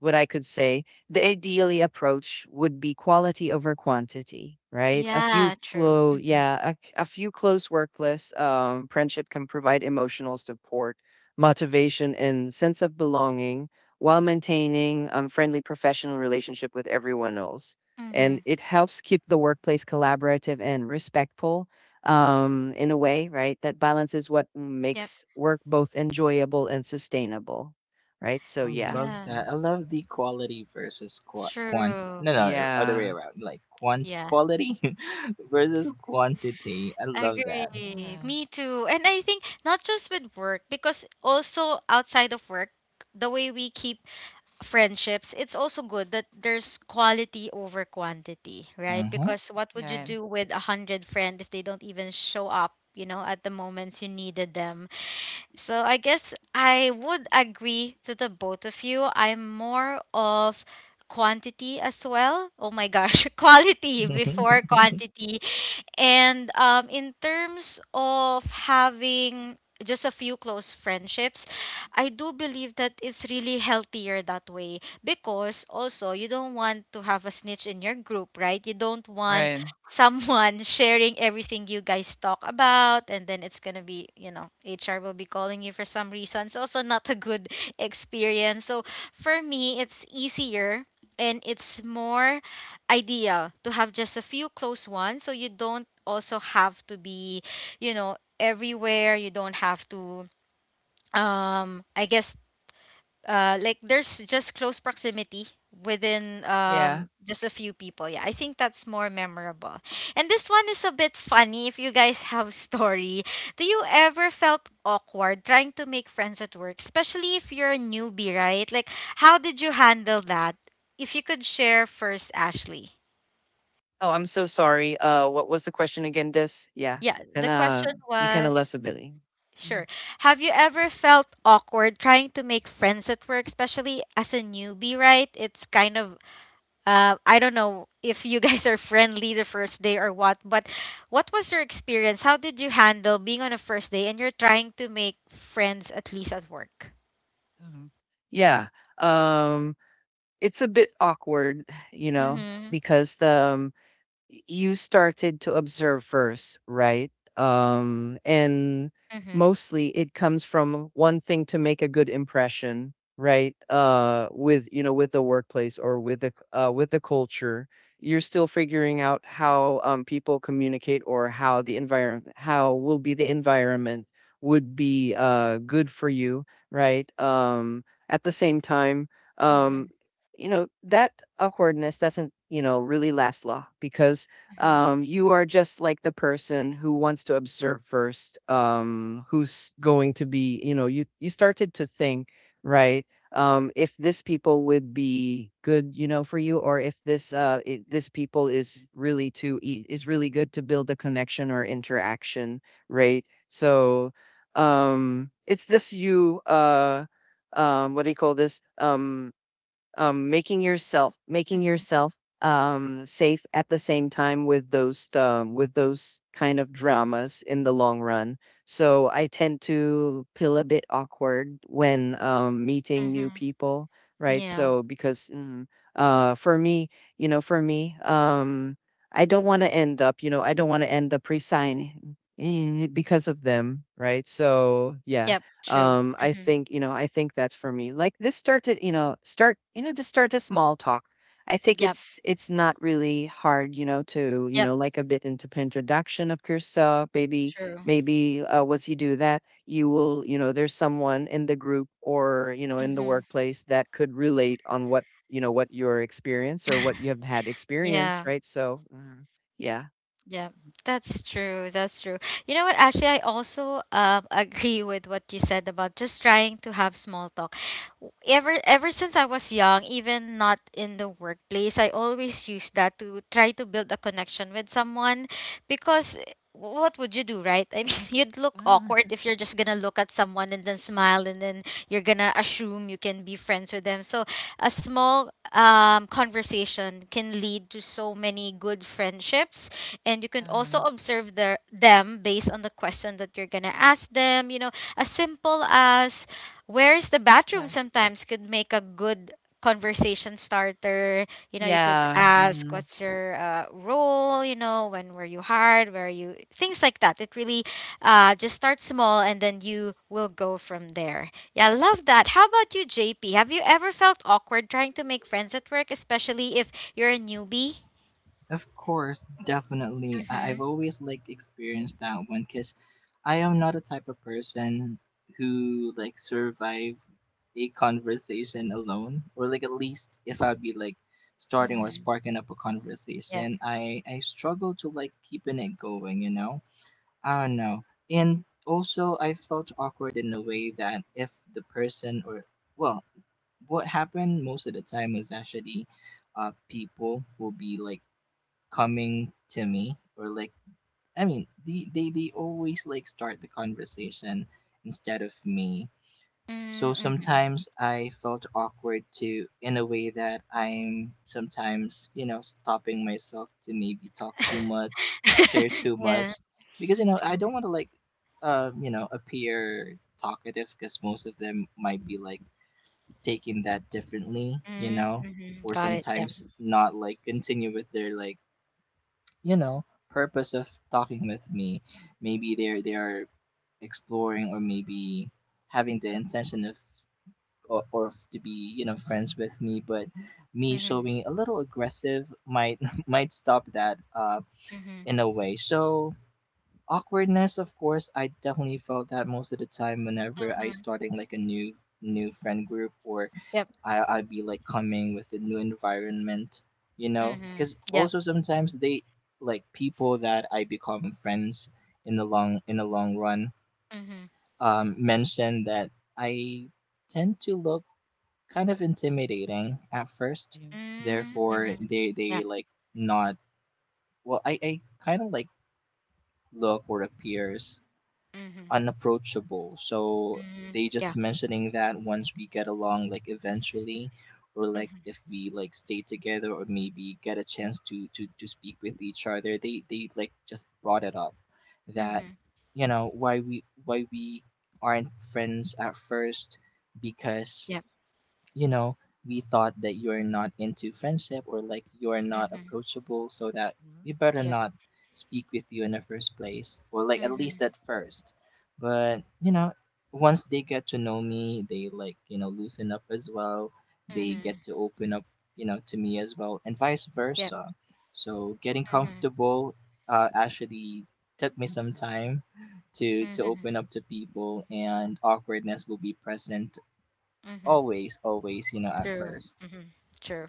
Speaker 2: what I could say, the ideally approach would be quality over quantity, right?
Speaker 1: Yeah. True. Mhm.
Speaker 2: A few close workless friendship can provide emotional support, motivation, and sense of belonging while maintaining friendly professional relationship with everyone else. And
Speaker 1: Mhm.
Speaker 2: it helps keep the workplace collaborative and respectful in a way, right? That balances what
Speaker 1: Yep.
Speaker 2: makes work both enjoyable and sustainable, right? So
Speaker 3: I
Speaker 2: yeah.
Speaker 3: love
Speaker 1: Yeah.
Speaker 3: that.
Speaker 2: Mm.
Speaker 3: I love the quality versus quantity.
Speaker 1: True.
Speaker 3: No, no, other way
Speaker 2: Yeah.
Speaker 3: around. Like quant
Speaker 1: Yeah,
Speaker 3: quality versus quantity. I love that.
Speaker 1: agree.
Speaker 2: Yeah.
Speaker 1: Me too. And I think not just with work, because also outside of work, the way we keep friendships, it's also good that there's quality over quantity, right?
Speaker 3: Mm-hmm.
Speaker 1: Because what would you
Speaker 2: Yeah.
Speaker 1: do with a hundred friend if they don't even show up, you know, at the moments you needed them? So I guess I would agree to the both of you. I'm more of quantity as well. Oh my gosh, quality before quantity. And in terms of having just a few close friendships, I do believe that it's really healthier that way because also you don't want to have a snitch in your group, right? You don't want
Speaker 2: Right.
Speaker 1: someone sharing everything you guys talk about and then it's going to be, you know, HR will be calling you for some reason. It's also not a good experience. So for me, it's easier and it's more ideal to have just a few close ones so you don't also have to be, you know, everywhere. You don't have to, um i guess like, there's just close proximity within
Speaker 2: Yeah.
Speaker 1: just a few people. Yeah, I think that's more memorable. And this one is a bit funny, if you guys have story, do you ever felt awkward trying to make friends at work, especially if you're a newbie, right? Like, how did you handle that? If you could share first, Ashley.
Speaker 2: Oh, I'm so sorry. What was the question again? This? Yeah.
Speaker 1: Yeah, the
Speaker 2: Kinda,
Speaker 1: question
Speaker 2: you kinda
Speaker 1: was,
Speaker 2: less ability. Mm.
Speaker 1: sure. Have you ever felt awkward trying to make friends at work, especially as a newbie, right? It's kind of, I don't know if you guys are friendly the first day or what, but what was your experience? How did you handle being on a first day and you're trying to make friends at least at work?
Speaker 2: Mhm. Yeah. Um, it's a bit awkward, you know,
Speaker 1: Mhm.
Speaker 2: because you started to observe first, right? And
Speaker 1: Mhm.
Speaker 2: Mostly it comes from one thing, to make a good impression, right? With you know with the workplace, or with the culture. You're still figuring out how people communicate, or how the environment how will be the environment would be good for you, right? At the same time, um
Speaker 1: Mhm.
Speaker 2: you know that awkwardness doesn't really last long because
Speaker 1: Mhm.
Speaker 2: you are just like the person who wants to observe first, who's going to be, you started to think, right, if this people would be good, you know, for you, or if this people is really is really good to build a connection or interaction, right. So it's just you what do you call this making
Speaker 1: Mhm.
Speaker 2: yourself, safe at the same time with those, with those kind of dramas in the long run. So I tend to feel a bit awkward when meeting new
Speaker 1: Mhm.
Speaker 2: people, right?
Speaker 1: Yeah.
Speaker 2: So for me, you know, for me, I don't want to end up, you know, I don't want to end up resigning because of them, right? So yeah,
Speaker 1: Yep, true.
Speaker 2: um i
Speaker 1: Mhm.
Speaker 2: think you know i think that's for me, like this started, you know start you know just start a small talk. I think
Speaker 1: Yep.
Speaker 2: it's not really hard, you know, to, you know,
Speaker 1: Yep,
Speaker 2: like a bit into introduction of yourself, maybe.
Speaker 1: true.
Speaker 2: Maybe once you do that, you will, you know, there's someone in the group, or you know, in the
Speaker 1: Mhm.
Speaker 2: workplace, that could relate on what your experience, or what you have had
Speaker 1: Yeah.
Speaker 2: experience, right? So yeah.
Speaker 1: Yeah, that's true. That's true. You know what? Actually, I also agree with what you said about just trying to have small talk. Ever since I was young, even not in the workplace, I always used that to try to build a connection with someone because what would you do, right? I mean, you'd look
Speaker 2: Ah,
Speaker 1: awkward if you're just gonna look at someone and then smile and then you're gonna assume you can be friends with them. So a small conversation can lead to so many good friendships, and you can also
Speaker 2: um,
Speaker 1: observe their them based on the question that you're gonna ask them. You know, as simple as where is the bathroom
Speaker 2: yeah.
Speaker 1: sometimes could make a good conversation starter. You know, you could
Speaker 2: Yeah.
Speaker 1: ask what's your role. You know, when were you hired? Where are you? Things like that. It really just start small and then you will go from there. Yeah, I love that. How about you, JP? Have you ever felt awkward trying to make friends at work, especially if you're a newbie?
Speaker 3: Of course, definitely.
Speaker 1: Mm-hmm.
Speaker 3: I've always like experienced that one because I am not a type of person who like survive a conversation alone, or like at least if I'd be like starting or
Speaker 1: Mm-hmm.
Speaker 3: sparking up a
Speaker 1: Yeah.
Speaker 3: conversation, I struggle to like keeping it going. You know, I don't know. And also, I felt awkward in a way that if the person or well, what happened most of the time was actually people will be like coming to me or like they always like start the conversation instead of me.
Speaker 1: Mm,
Speaker 3: So
Speaker 1: mhm.
Speaker 3: sometimes I felt awkward to, in a way that I'm sometimes you know stopping myself to maybe talk too much, share too
Speaker 1: Yeah.
Speaker 3: much because you know I don't want to like you know appear talkative because most of them might be like taking that differently, you
Speaker 1: Mm,
Speaker 3: know,
Speaker 1: mhm.
Speaker 3: or
Speaker 1: Got it, yeah.
Speaker 3: sometimes not like continue with their like, you know, purpose of talking with me. Maybe they are exploring or maybe having the intention of or of to be, you know, friends with me, but me
Speaker 1: Mm
Speaker 3: showing a little aggressive might might stop that
Speaker 1: Mhm,
Speaker 3: in a way. So awkwardness, of course, I definitely felt that most of the time whenever
Speaker 1: mhm,
Speaker 3: I
Speaker 1: mhm.
Speaker 3: starting like a new friend group or
Speaker 1: Yep.
Speaker 3: I I'd be like coming with a new environment, you
Speaker 1: Mm
Speaker 3: know,
Speaker 1: Mhm.
Speaker 3: because
Speaker 1: Yep.
Speaker 3: also sometimes they like people that I become friends in the long run
Speaker 1: Mm Mhm.
Speaker 3: mention that I tend to look kind of intimidating at first,
Speaker 2: Yeah.
Speaker 1: Mm,
Speaker 3: therefore
Speaker 1: mhm.
Speaker 3: they
Speaker 1: Yep.
Speaker 3: like not well I kind of like look or appears
Speaker 1: Mhm.
Speaker 3: unapproachable. So
Speaker 1: Mm
Speaker 3: they just mentioning that once we get along, like eventually, or like if we like stay together or maybe get a chance to to speak with each other, they like just brought it up that
Speaker 1: Mhm.
Speaker 3: you know why we aren't friends at first because
Speaker 1: Yeah.
Speaker 3: you know, we thought that you're not into friendship or like you're
Speaker 1: Mm Mhm.
Speaker 3: not
Speaker 1: Mm Mhm.
Speaker 3: approachable, so that
Speaker 2: Mhm,
Speaker 3: we better
Speaker 1: Yep. Mhm. Yep.
Speaker 3: not speak with you in the first place, or like at least
Speaker 1: Mhm.
Speaker 3: at first. But, you know, once they get to know me, they like, you know, loosen up as well. They get
Speaker 1: Mhm.
Speaker 3: to open up, you know, to me as well, and vice
Speaker 1: Yep.
Speaker 3: versa. So getting
Speaker 1: Mhm.
Speaker 3: comfortable actually took me some time to open
Speaker 1: Mhm.
Speaker 3: up to people, and awkwardness will be present
Speaker 1: Mhm.
Speaker 3: always, always, you know, at
Speaker 1: True.
Speaker 3: first.
Speaker 1: Mm Mhm. True.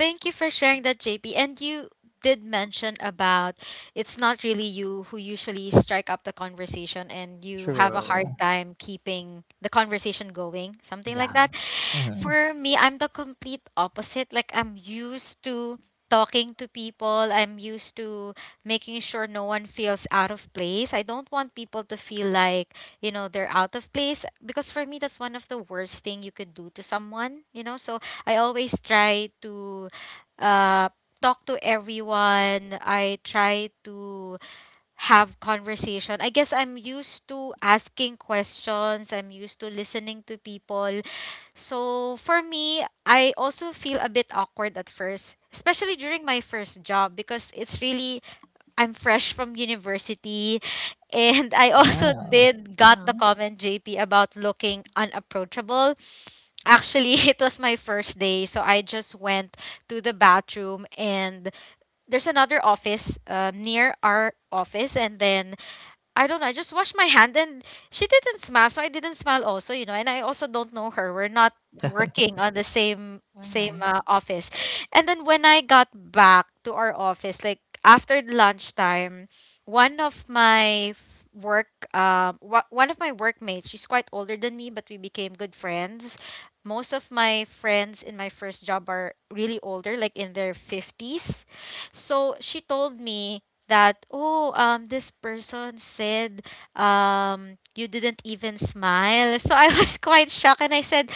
Speaker 1: Thank you for sharing that, JP. And you did mention about it's not really you who usually strike up the conversation and you have a hard
Speaker 3: True.
Speaker 1: time keeping the conversation going, something like
Speaker 3: Yeah.
Speaker 1: that.
Speaker 3: Hmm.
Speaker 1: For me, I'm the complete opposite. Like, I'm used to talking to people, I'm used to making sure no one feels out of place. I don't want people to feel like, you know, they're out of place because for me, that's one of the worst thing you could do to someone, you know. So I always try to uh, talk to everyone. I try to have conversation. I guess I'm used to asking questions. I'm used to listening to people. So for me, I also feel a bit awkward at first, especially during my first job because it's really, I'm fresh from university, and I also
Speaker 3: Wow.
Speaker 1: did got the
Speaker 2: mhm.
Speaker 1: comment, JP, about looking unapproachable. Actually, it was my first day, so I just went to the bathroom, and there's another office near our office, and then I don't know. I just washed my hand and she didn't smile, so I didn't smile also, you know. And I also don't know her. We're not working on the same same
Speaker 2: Okay.
Speaker 1: uh, office. And then when I got back to our office, like after lunchtime, one of my work one of my workmates, she's quite older than me, but we became good friends. Most of my friends in my first job are really older, like in their 50s. So she told me that, oh, this person said, you didn't even smile. So I was quite shocked and I said,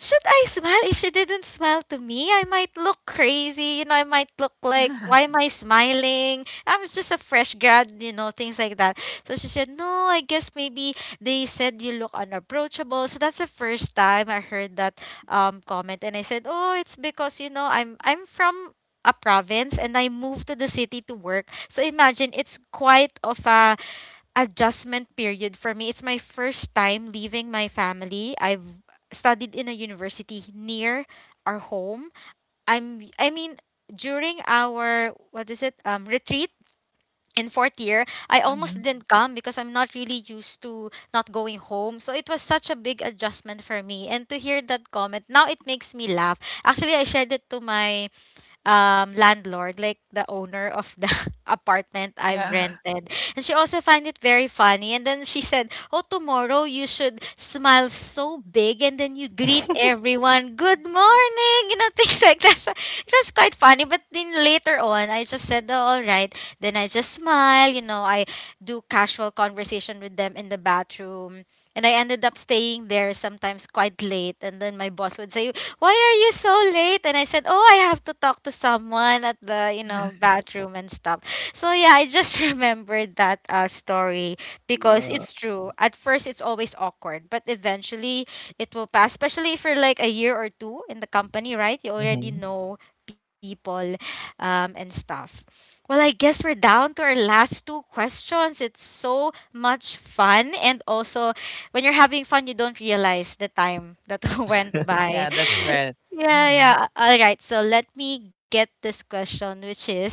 Speaker 1: should I smile? If she didn't smile to me, I might look crazy. You know, I might look like, why am I smiling? I was just a fresh grad, you know, things like that. So she said, no, I guess maybe they said you look unapproachable. So that's the first time I heard that comment. And I said, oh, it's because, you know, I'm from a province and I moved to the city to work. So imagine it's quite of a adjustment period for me. It's my first time leaving my family. I've studied in a university near our home. I mean during our what is it retreat in fourth year, I almost
Speaker 2: Mhm.
Speaker 1: didn't come because I'm not really used to not going home. So it was such a big adjustment for me. And to hear that comment, now it makes me laugh. Actually, I shared it to my landlord, like the owner of the apartment I've
Speaker 2: Yeah.
Speaker 1: rented. And she also found it very funny, and then she said, oh, tomorrow you should smile so big and then you greet everyone good morning, you know, things like that. So it was quite funny, but then later on I just said, oh, all right, then I just smile, you know, I do casual conversation with them in the bathroom. And I ended up staying there sometimes quite late, and then my boss would say, why are you so late? And I said, oh, I have to talk to someone at the, you know, bathroom and stuff. So yeah, I just remembered that story because
Speaker 3: Love.
Speaker 1: it's true. At first, it's always awkward, but eventually it will pass, especially if you're like a year or two in the company, right? You already
Speaker 3: Hmm.
Speaker 1: know people and stuff. Well, I guess we're down to our last two questions. It's so much fun. And also, when you're having fun, you don't realize the time that went by.
Speaker 2: Yeah, that's
Speaker 1: Yeah.
Speaker 2: great.
Speaker 1: Yeah,
Speaker 2: Mhm.
Speaker 1: yeah. All right. So let me get this question, which is,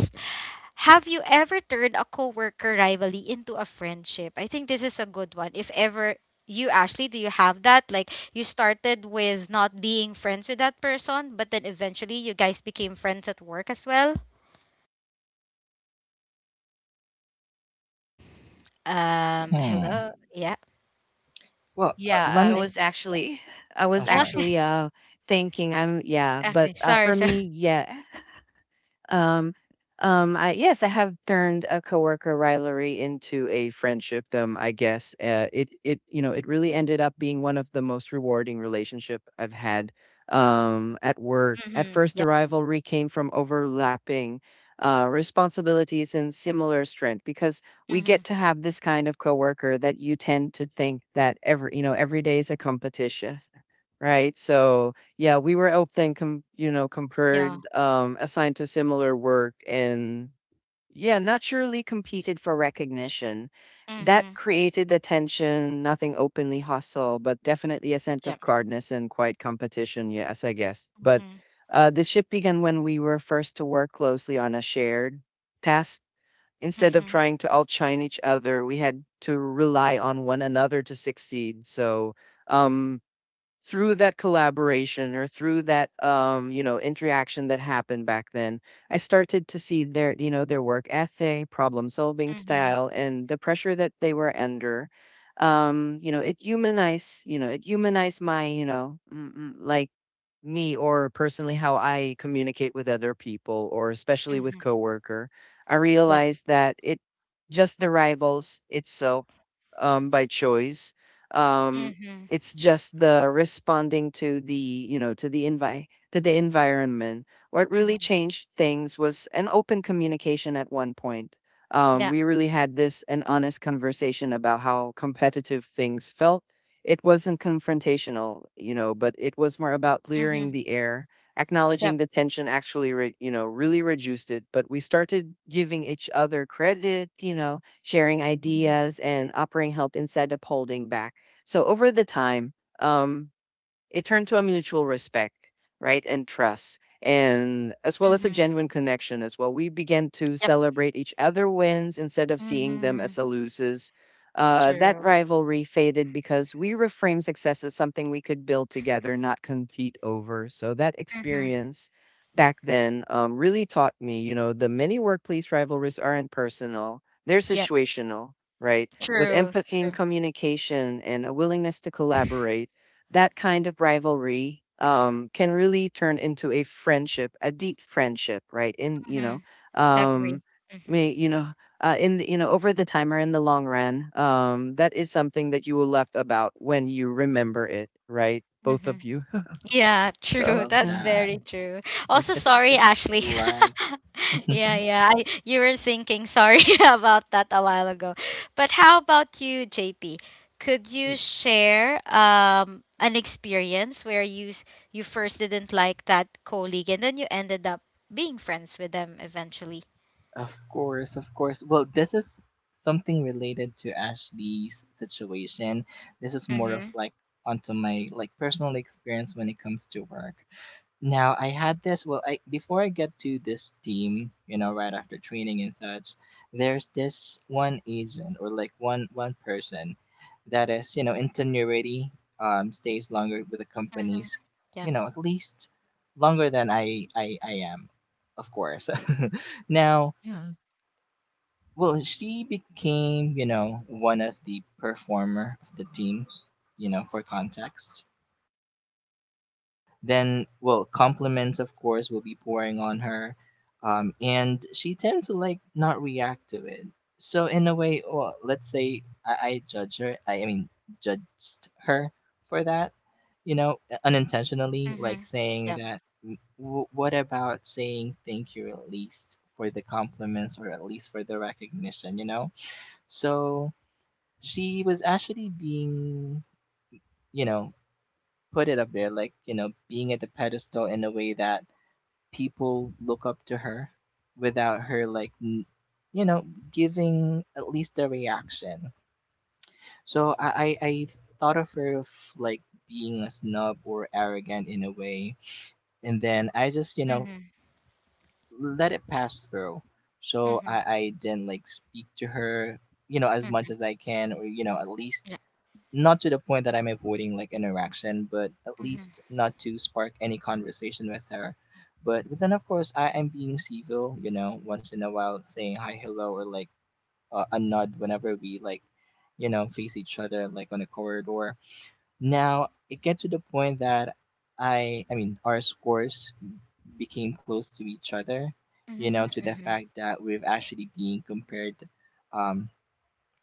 Speaker 1: have you ever turned a coworker rivalry into a friendship? I think this is a good one. If ever you, Ashley, do you have that? Like you started with not being friends with that person, but then eventually you guys became friends at work as well?
Speaker 3: Hmm.
Speaker 1: Hello. Yeah,
Speaker 3: Well,
Speaker 2: Yeah,
Speaker 3: let
Speaker 2: I
Speaker 3: me.
Speaker 1: I
Speaker 2: was
Speaker 1: yeah.
Speaker 2: actually, I
Speaker 3: Oh,
Speaker 2: was
Speaker 3: sorry.
Speaker 1: Okay.
Speaker 2: actually uh thinking I'm yeah, but
Speaker 1: Okay. Sorry.
Speaker 2: for
Speaker 1: So.
Speaker 2: me, yeah. Um, I, yes, I have turned a coworker rivalry into a friendship. I guess it you know, it really ended up being one of the most rewarding relationship I've had, at work. At
Speaker 1: Mhm.
Speaker 2: first, the
Speaker 1: Yeah.
Speaker 2: rivalry came from overlapping responsibilities and similar strength, because we
Speaker 1: Mhm.
Speaker 2: get to have this kind of coworker that you tend to think that every, you know, every day is a competition. Right. So yeah, we were often
Speaker 1: Yeah.
Speaker 2: compared, assigned to similar work, and yeah, naturally competed for recognition. That
Speaker 1: Mhm.
Speaker 2: created the tension, nothing openly hostile, but definitely a sense
Speaker 1: Yeah.
Speaker 2: of guardness and quiet competition, yes, I guess. But
Speaker 1: Mhm.
Speaker 2: the shift began when we were first to work closely on a shared task. Instead of
Speaker 1: Mhm.
Speaker 2: trying to outshine each other, we had to rely on one another to succeed. So um through that collaboration, or through that you know, interaction that happened back then, I started to see their, you know, their work ethic, problem solving
Speaker 1: Mhm.
Speaker 2: style, and the pressure that they were under. You know, it humanized my, like me, or personally, how I communicate with other people, or especially with
Speaker 1: Mhm.
Speaker 2: coworker, I
Speaker 1: Yeah.
Speaker 2: realized that it just the rivals itself, by choice. Um,
Speaker 1: Mhm.
Speaker 2: it's just the responding to the, you know to the envi to the environment. What really
Speaker 1: Mhm.
Speaker 2: changed things was an open communication at one point.
Speaker 1: Yeah.
Speaker 2: We really had this an honest conversation about how competitive things felt. It wasn't confrontational, you know, but it was more about clearing
Speaker 1: Mhm.
Speaker 2: the air,
Speaker 1: Yep.
Speaker 2: acknowledging the tension. Actually, you know, really reduced it. But we started giving each other credit, you know, sharing
Speaker 1: Mhm.
Speaker 2: ideas and offering help instead of holding back. So over the time, um, it turned to a mutual respect, right, and trust, and as well as a
Speaker 1: Mhm.
Speaker 2: genuine connection as well. We began to
Speaker 1: Yep.
Speaker 2: celebrate each other wins instead of seeing them
Speaker 1: Mhm.
Speaker 2: as a loses. That
Speaker 1: True.
Speaker 2: rivalry faded because we reframed success as something we could build together, not compete over. So that
Speaker 1: Mhm.
Speaker 2: experience back then, really taught me, you know, the many workplace rivalries aren't personal; they're
Speaker 1: Yep.
Speaker 2: situational, right? With
Speaker 1: True.
Speaker 2: empathy and
Speaker 1: True.
Speaker 2: communication and a willingness to collaborate, that kind of rivalry, can really turn into a friendship, a deep friendship, right?
Speaker 1: Mhm. Agree.
Speaker 2: Um,
Speaker 1: Mhm.
Speaker 2: may you know, in the, you know, over the time or in the long run, that is something that you will left about when you remember it, right? Both of
Speaker 1: Mhm.
Speaker 2: you.
Speaker 1: Yeah,
Speaker 2: So
Speaker 1: true.
Speaker 3: Love
Speaker 2: yeah.
Speaker 1: That's
Speaker 3: that.
Speaker 1: very true.
Speaker 3: It's
Speaker 1: Also,
Speaker 3: it's,
Speaker 1: sorry,
Speaker 3: it's
Speaker 1: Ashley.
Speaker 3: like.
Speaker 1: Yeah, yeah. I, you were thinking sorry about that a while ago. But how about you, JP? Could you share an experience where you first didn't like that colleague and then you ended up being friends with them eventually?
Speaker 3: Of course, of course. Well, this is something related to Ashley's situation. This is more of
Speaker 1: Mm-hmm.
Speaker 3: like onto my like personal experience when it comes to work. Now I had this well I before I get to this team, you know, right after training and such, there's this one agent or like one person that is, you know, in tenuity, stays longer with the
Speaker 1: Mm-hmm.
Speaker 3: companies,
Speaker 1: Yeah.
Speaker 3: you know, at least longer than I am, of course. Now,
Speaker 2: Yeah.
Speaker 3: well, she became, you know, one of the performer of the team, you know, for context. Then well compliments of course will be pouring on her, and she tends to like not react to it. So in a way, well, let's say I judge her I mean judged her for that, you know, unintentionally,
Speaker 1: Mm-hmm.
Speaker 3: like saying
Speaker 1: Yeah.
Speaker 3: that what about saying thank you at least for the compliments or at least for the recognition, you know. So she was actually being you know put it up there like you know being at the pedestal in a way that people look up to her without her you know giving at least a reaction. So I thought of her of like being a snub or arrogant in a way, and then I just you know
Speaker 1: Mm-hmm.
Speaker 3: let it pass through. So
Speaker 1: Mm-hmm.
Speaker 3: I didn't like speak to her you know as much
Speaker 1: Mm-hmm.
Speaker 3: as I can, or you know at least
Speaker 1: Yeah.
Speaker 3: not to the point that I'm avoiding like interaction, but at
Speaker 1: Mm-hmm.
Speaker 3: least not to spark any conversation with her. But then of course I am being civil, you know, once in a while saying hi, hello, or like a nod whenever we like, you know, face each other like on a corridor. Now it gets to the point that our scores became close to each other, you know, to the
Speaker 1: Mm-hmm.
Speaker 3: fact that we've actually being compared, um,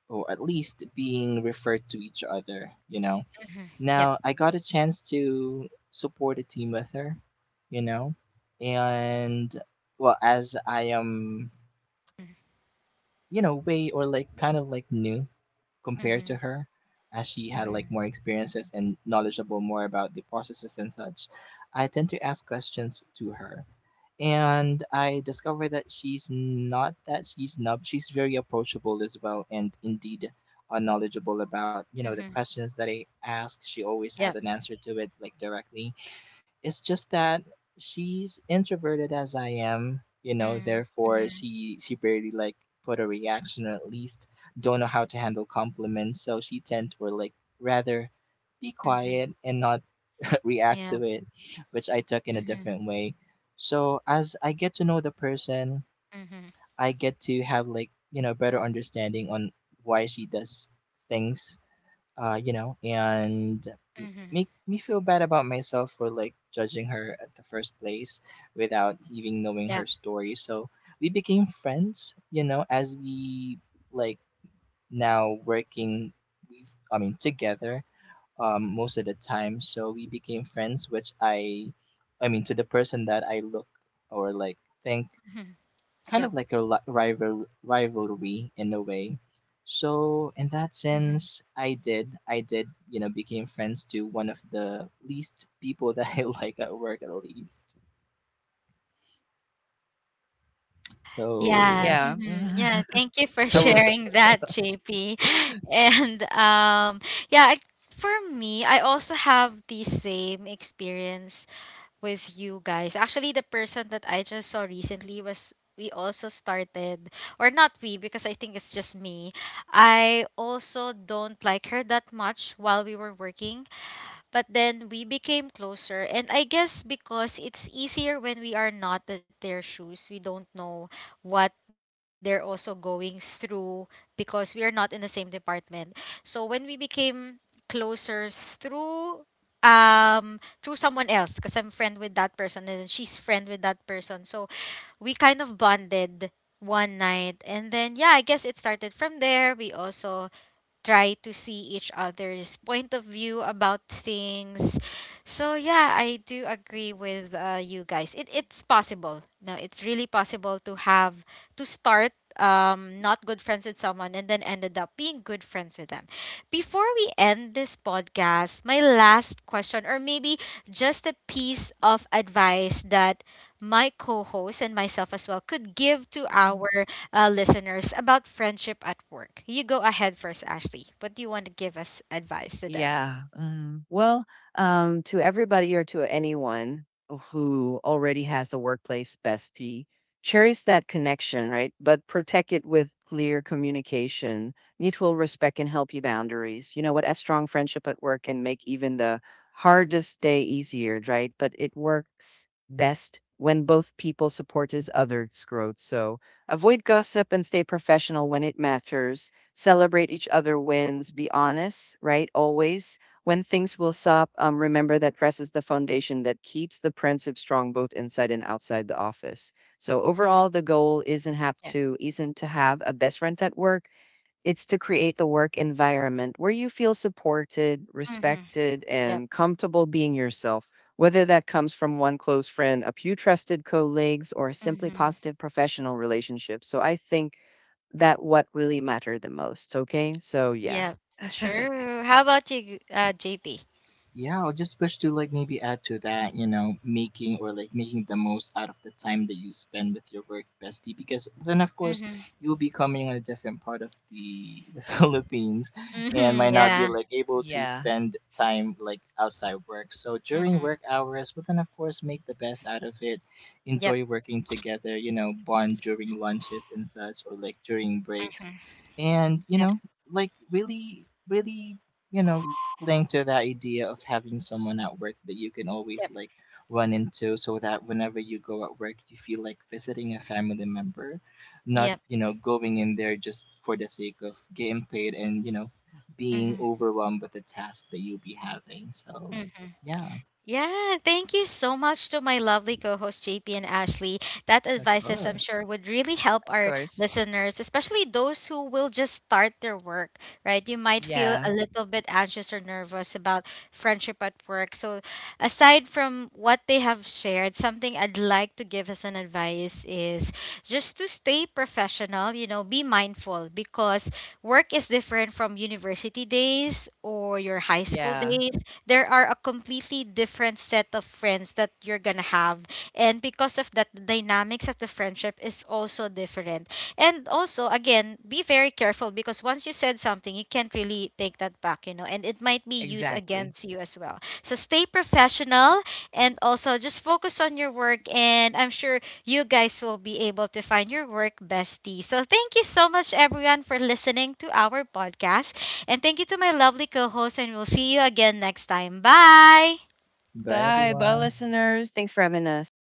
Speaker 3: or at least being referred to each other, you know.
Speaker 1: Mm-hmm. Yeah.
Speaker 3: Now I got a chance to support a team with her, you know, and well, as I am, you know, way or like kind of like new compared
Speaker 1: Mm-hmm.
Speaker 3: to her, as she had like more experiences and knowledgeable more about the processes and such, I tend to ask questions to her, and I discovered that she's not that she's snub. She's very approachable as well, and indeed knowledgeable about you know the
Speaker 1: Mm-hmm.
Speaker 3: questions that I ask. She always had
Speaker 1: Yep.
Speaker 3: an answer to it like directly. It's just that she's introverted as I am, you know.
Speaker 1: Mm,
Speaker 3: Therefore,
Speaker 1: mhm,
Speaker 3: she barely like put a reaction, or at least don't know how to handle compliments. So she tend to like rather be
Speaker 1: mhm.
Speaker 3: quiet and not react
Speaker 1: Yeah.
Speaker 3: to it, which I took in a
Speaker 1: Mhm,
Speaker 3: different way. So as I get to know the person,
Speaker 1: mhm,
Speaker 3: I get to have like, you know, better understanding on why she does things, you know, and
Speaker 1: mhm.
Speaker 3: make me feel bad about myself for like judging her at the first place without even knowing
Speaker 1: Yeah.
Speaker 3: her story. So we became friends, you know, as we like now working with I mean together, most of the time. So we became friends, which to the person that I look or like think
Speaker 1: Mhm,
Speaker 3: kind
Speaker 1: yeah.
Speaker 3: of like a rivalry in a way. So in that
Speaker 1: Mhm.
Speaker 3: sense, I did, you know, became friends to one of the least people that I like at work at least.
Speaker 1: Yeah.
Speaker 3: So
Speaker 2: Yeah.
Speaker 1: Mhm. Yeah. Thank you for
Speaker 2: I will.
Speaker 1: sharing that, JP. And yeah, I, for me, I also have the same experience with you guys. Actually, the person that I just saw recently was, we also started, or not we, because I think it's just me. I also don't like her that much while we were working. But then we became closer, and I guess because it's easier when we are not at their shoes, we don't know what they're also going through because we are not in the same department. So when we became closer through um through someone else, because I'm friend with that person and then she's friend with that person. So we kind of bonded one night, and then yeah, I guess it started from there. We also try to see each other's point of view about things. So yeah, I do agree with you guys. It it's possible. No, it's really possible to have to start not good friends with someone and then ended up being good friends with them. Before we end this podcast, my last question, or maybe just a piece of advice that my co-host and myself as well could give to
Speaker 2: um,
Speaker 1: our listeners about friendship at work. You go ahead first, Ashley. What do you want to give us advice to them?
Speaker 2: yeah. Mm. Well, to everybody or to anyone who already has a workplace bestie, cherish that connection, right? But protect it with clear communication, mutual respect, and healthy boundaries. You know what? A strong friendship at work can make even the hardest day easier, right? But it works best when both people support each other's growth. So avoid gossip and stay professional when it matters. Celebrate each other wins. Be honest, right? Always. When things will stop, remember that rest is the foundation that keeps the principle strong both inside and outside the office. So
Speaker 1: Mm-hmm.
Speaker 2: overall, the goal isn't have
Speaker 1: Yeah.
Speaker 2: to isn't to have a best friend at work. It's to create the work environment where you feel supported,
Speaker 1: Mm-hmm.
Speaker 2: respected,
Speaker 1: Yep.
Speaker 2: and comfortable being yourself. Whether that comes from one close friend, a few trusted colleagues, or simply
Speaker 1: Mm-hmm.
Speaker 2: positive professional relationships. So I think that what really matter the most, okay? So yeah.
Speaker 1: Yep. True. How about you, JP?
Speaker 3: yeah, I'll just wish to like maybe add to that, you know, making or like making the most out of the time that you spend with your work bestie, because then of course
Speaker 1: Mm-hmm.
Speaker 3: you'll be coming on a different part of the, the Philippines, and
Speaker 1: Mm-hmm.
Speaker 3: might not be
Speaker 1: Yeah.
Speaker 3: like able to
Speaker 2: Yeah,
Speaker 3: spend time like outside work. So during
Speaker 1: Mm-hmm.
Speaker 3: work hours, but then of course make the best out of it,
Speaker 1: Yep.
Speaker 3: enjoy working together, you know, bond during lunches and such, or like during breaks,
Speaker 1: Mm-hmm.
Speaker 3: and you
Speaker 1: Yep.
Speaker 3: know, like really you know cling to that idea of having someone at work that you can always
Speaker 1: Yep.
Speaker 3: like run into, so that whenever you go at work you feel like visiting a family member, not
Speaker 1: Yep.
Speaker 3: you know going in there just for the sake of getting paid and you know being
Speaker 1: Mm-hmm.
Speaker 3: overwhelmed with the task that you'll be having. So
Speaker 1: Mm-hmm.
Speaker 3: yeah,
Speaker 1: Yeah, thank you so much to my lovely co host JP and Ashley. That
Speaker 3: of
Speaker 1: advices I'm
Speaker 3: course.
Speaker 1: sure would really help
Speaker 2: of
Speaker 1: our
Speaker 2: course.
Speaker 1: listeners, especially those who will just start their work, right? You might feel
Speaker 2: Yeah,
Speaker 1: a little bit anxious or nervous about friendship at work. So, aside from what they have shared, something I'd like to give as an advice is just to stay professional, you know, be mindful, because work is different from university days or your high school
Speaker 2: yeah,
Speaker 1: days. There are a completely different set of friends that you're gonna have, and because of that, the dynamics of the friendship is also different. And also, again, be very careful, because once you said something, you can't really take that back, you know, and it might be used
Speaker 2: exactly.
Speaker 1: against you as well, so stay professional. And also, just focus on your work, and I'm sure you guys will be able to find your work bestie. So thank you so much, everyone, for listening to our podcast, and thank you to my lovely co host, and we'll see you again next time. Bye!
Speaker 3: Bye,
Speaker 2: Bye, bye,
Speaker 3: everyone.
Speaker 2: listeners. Thanks for having us.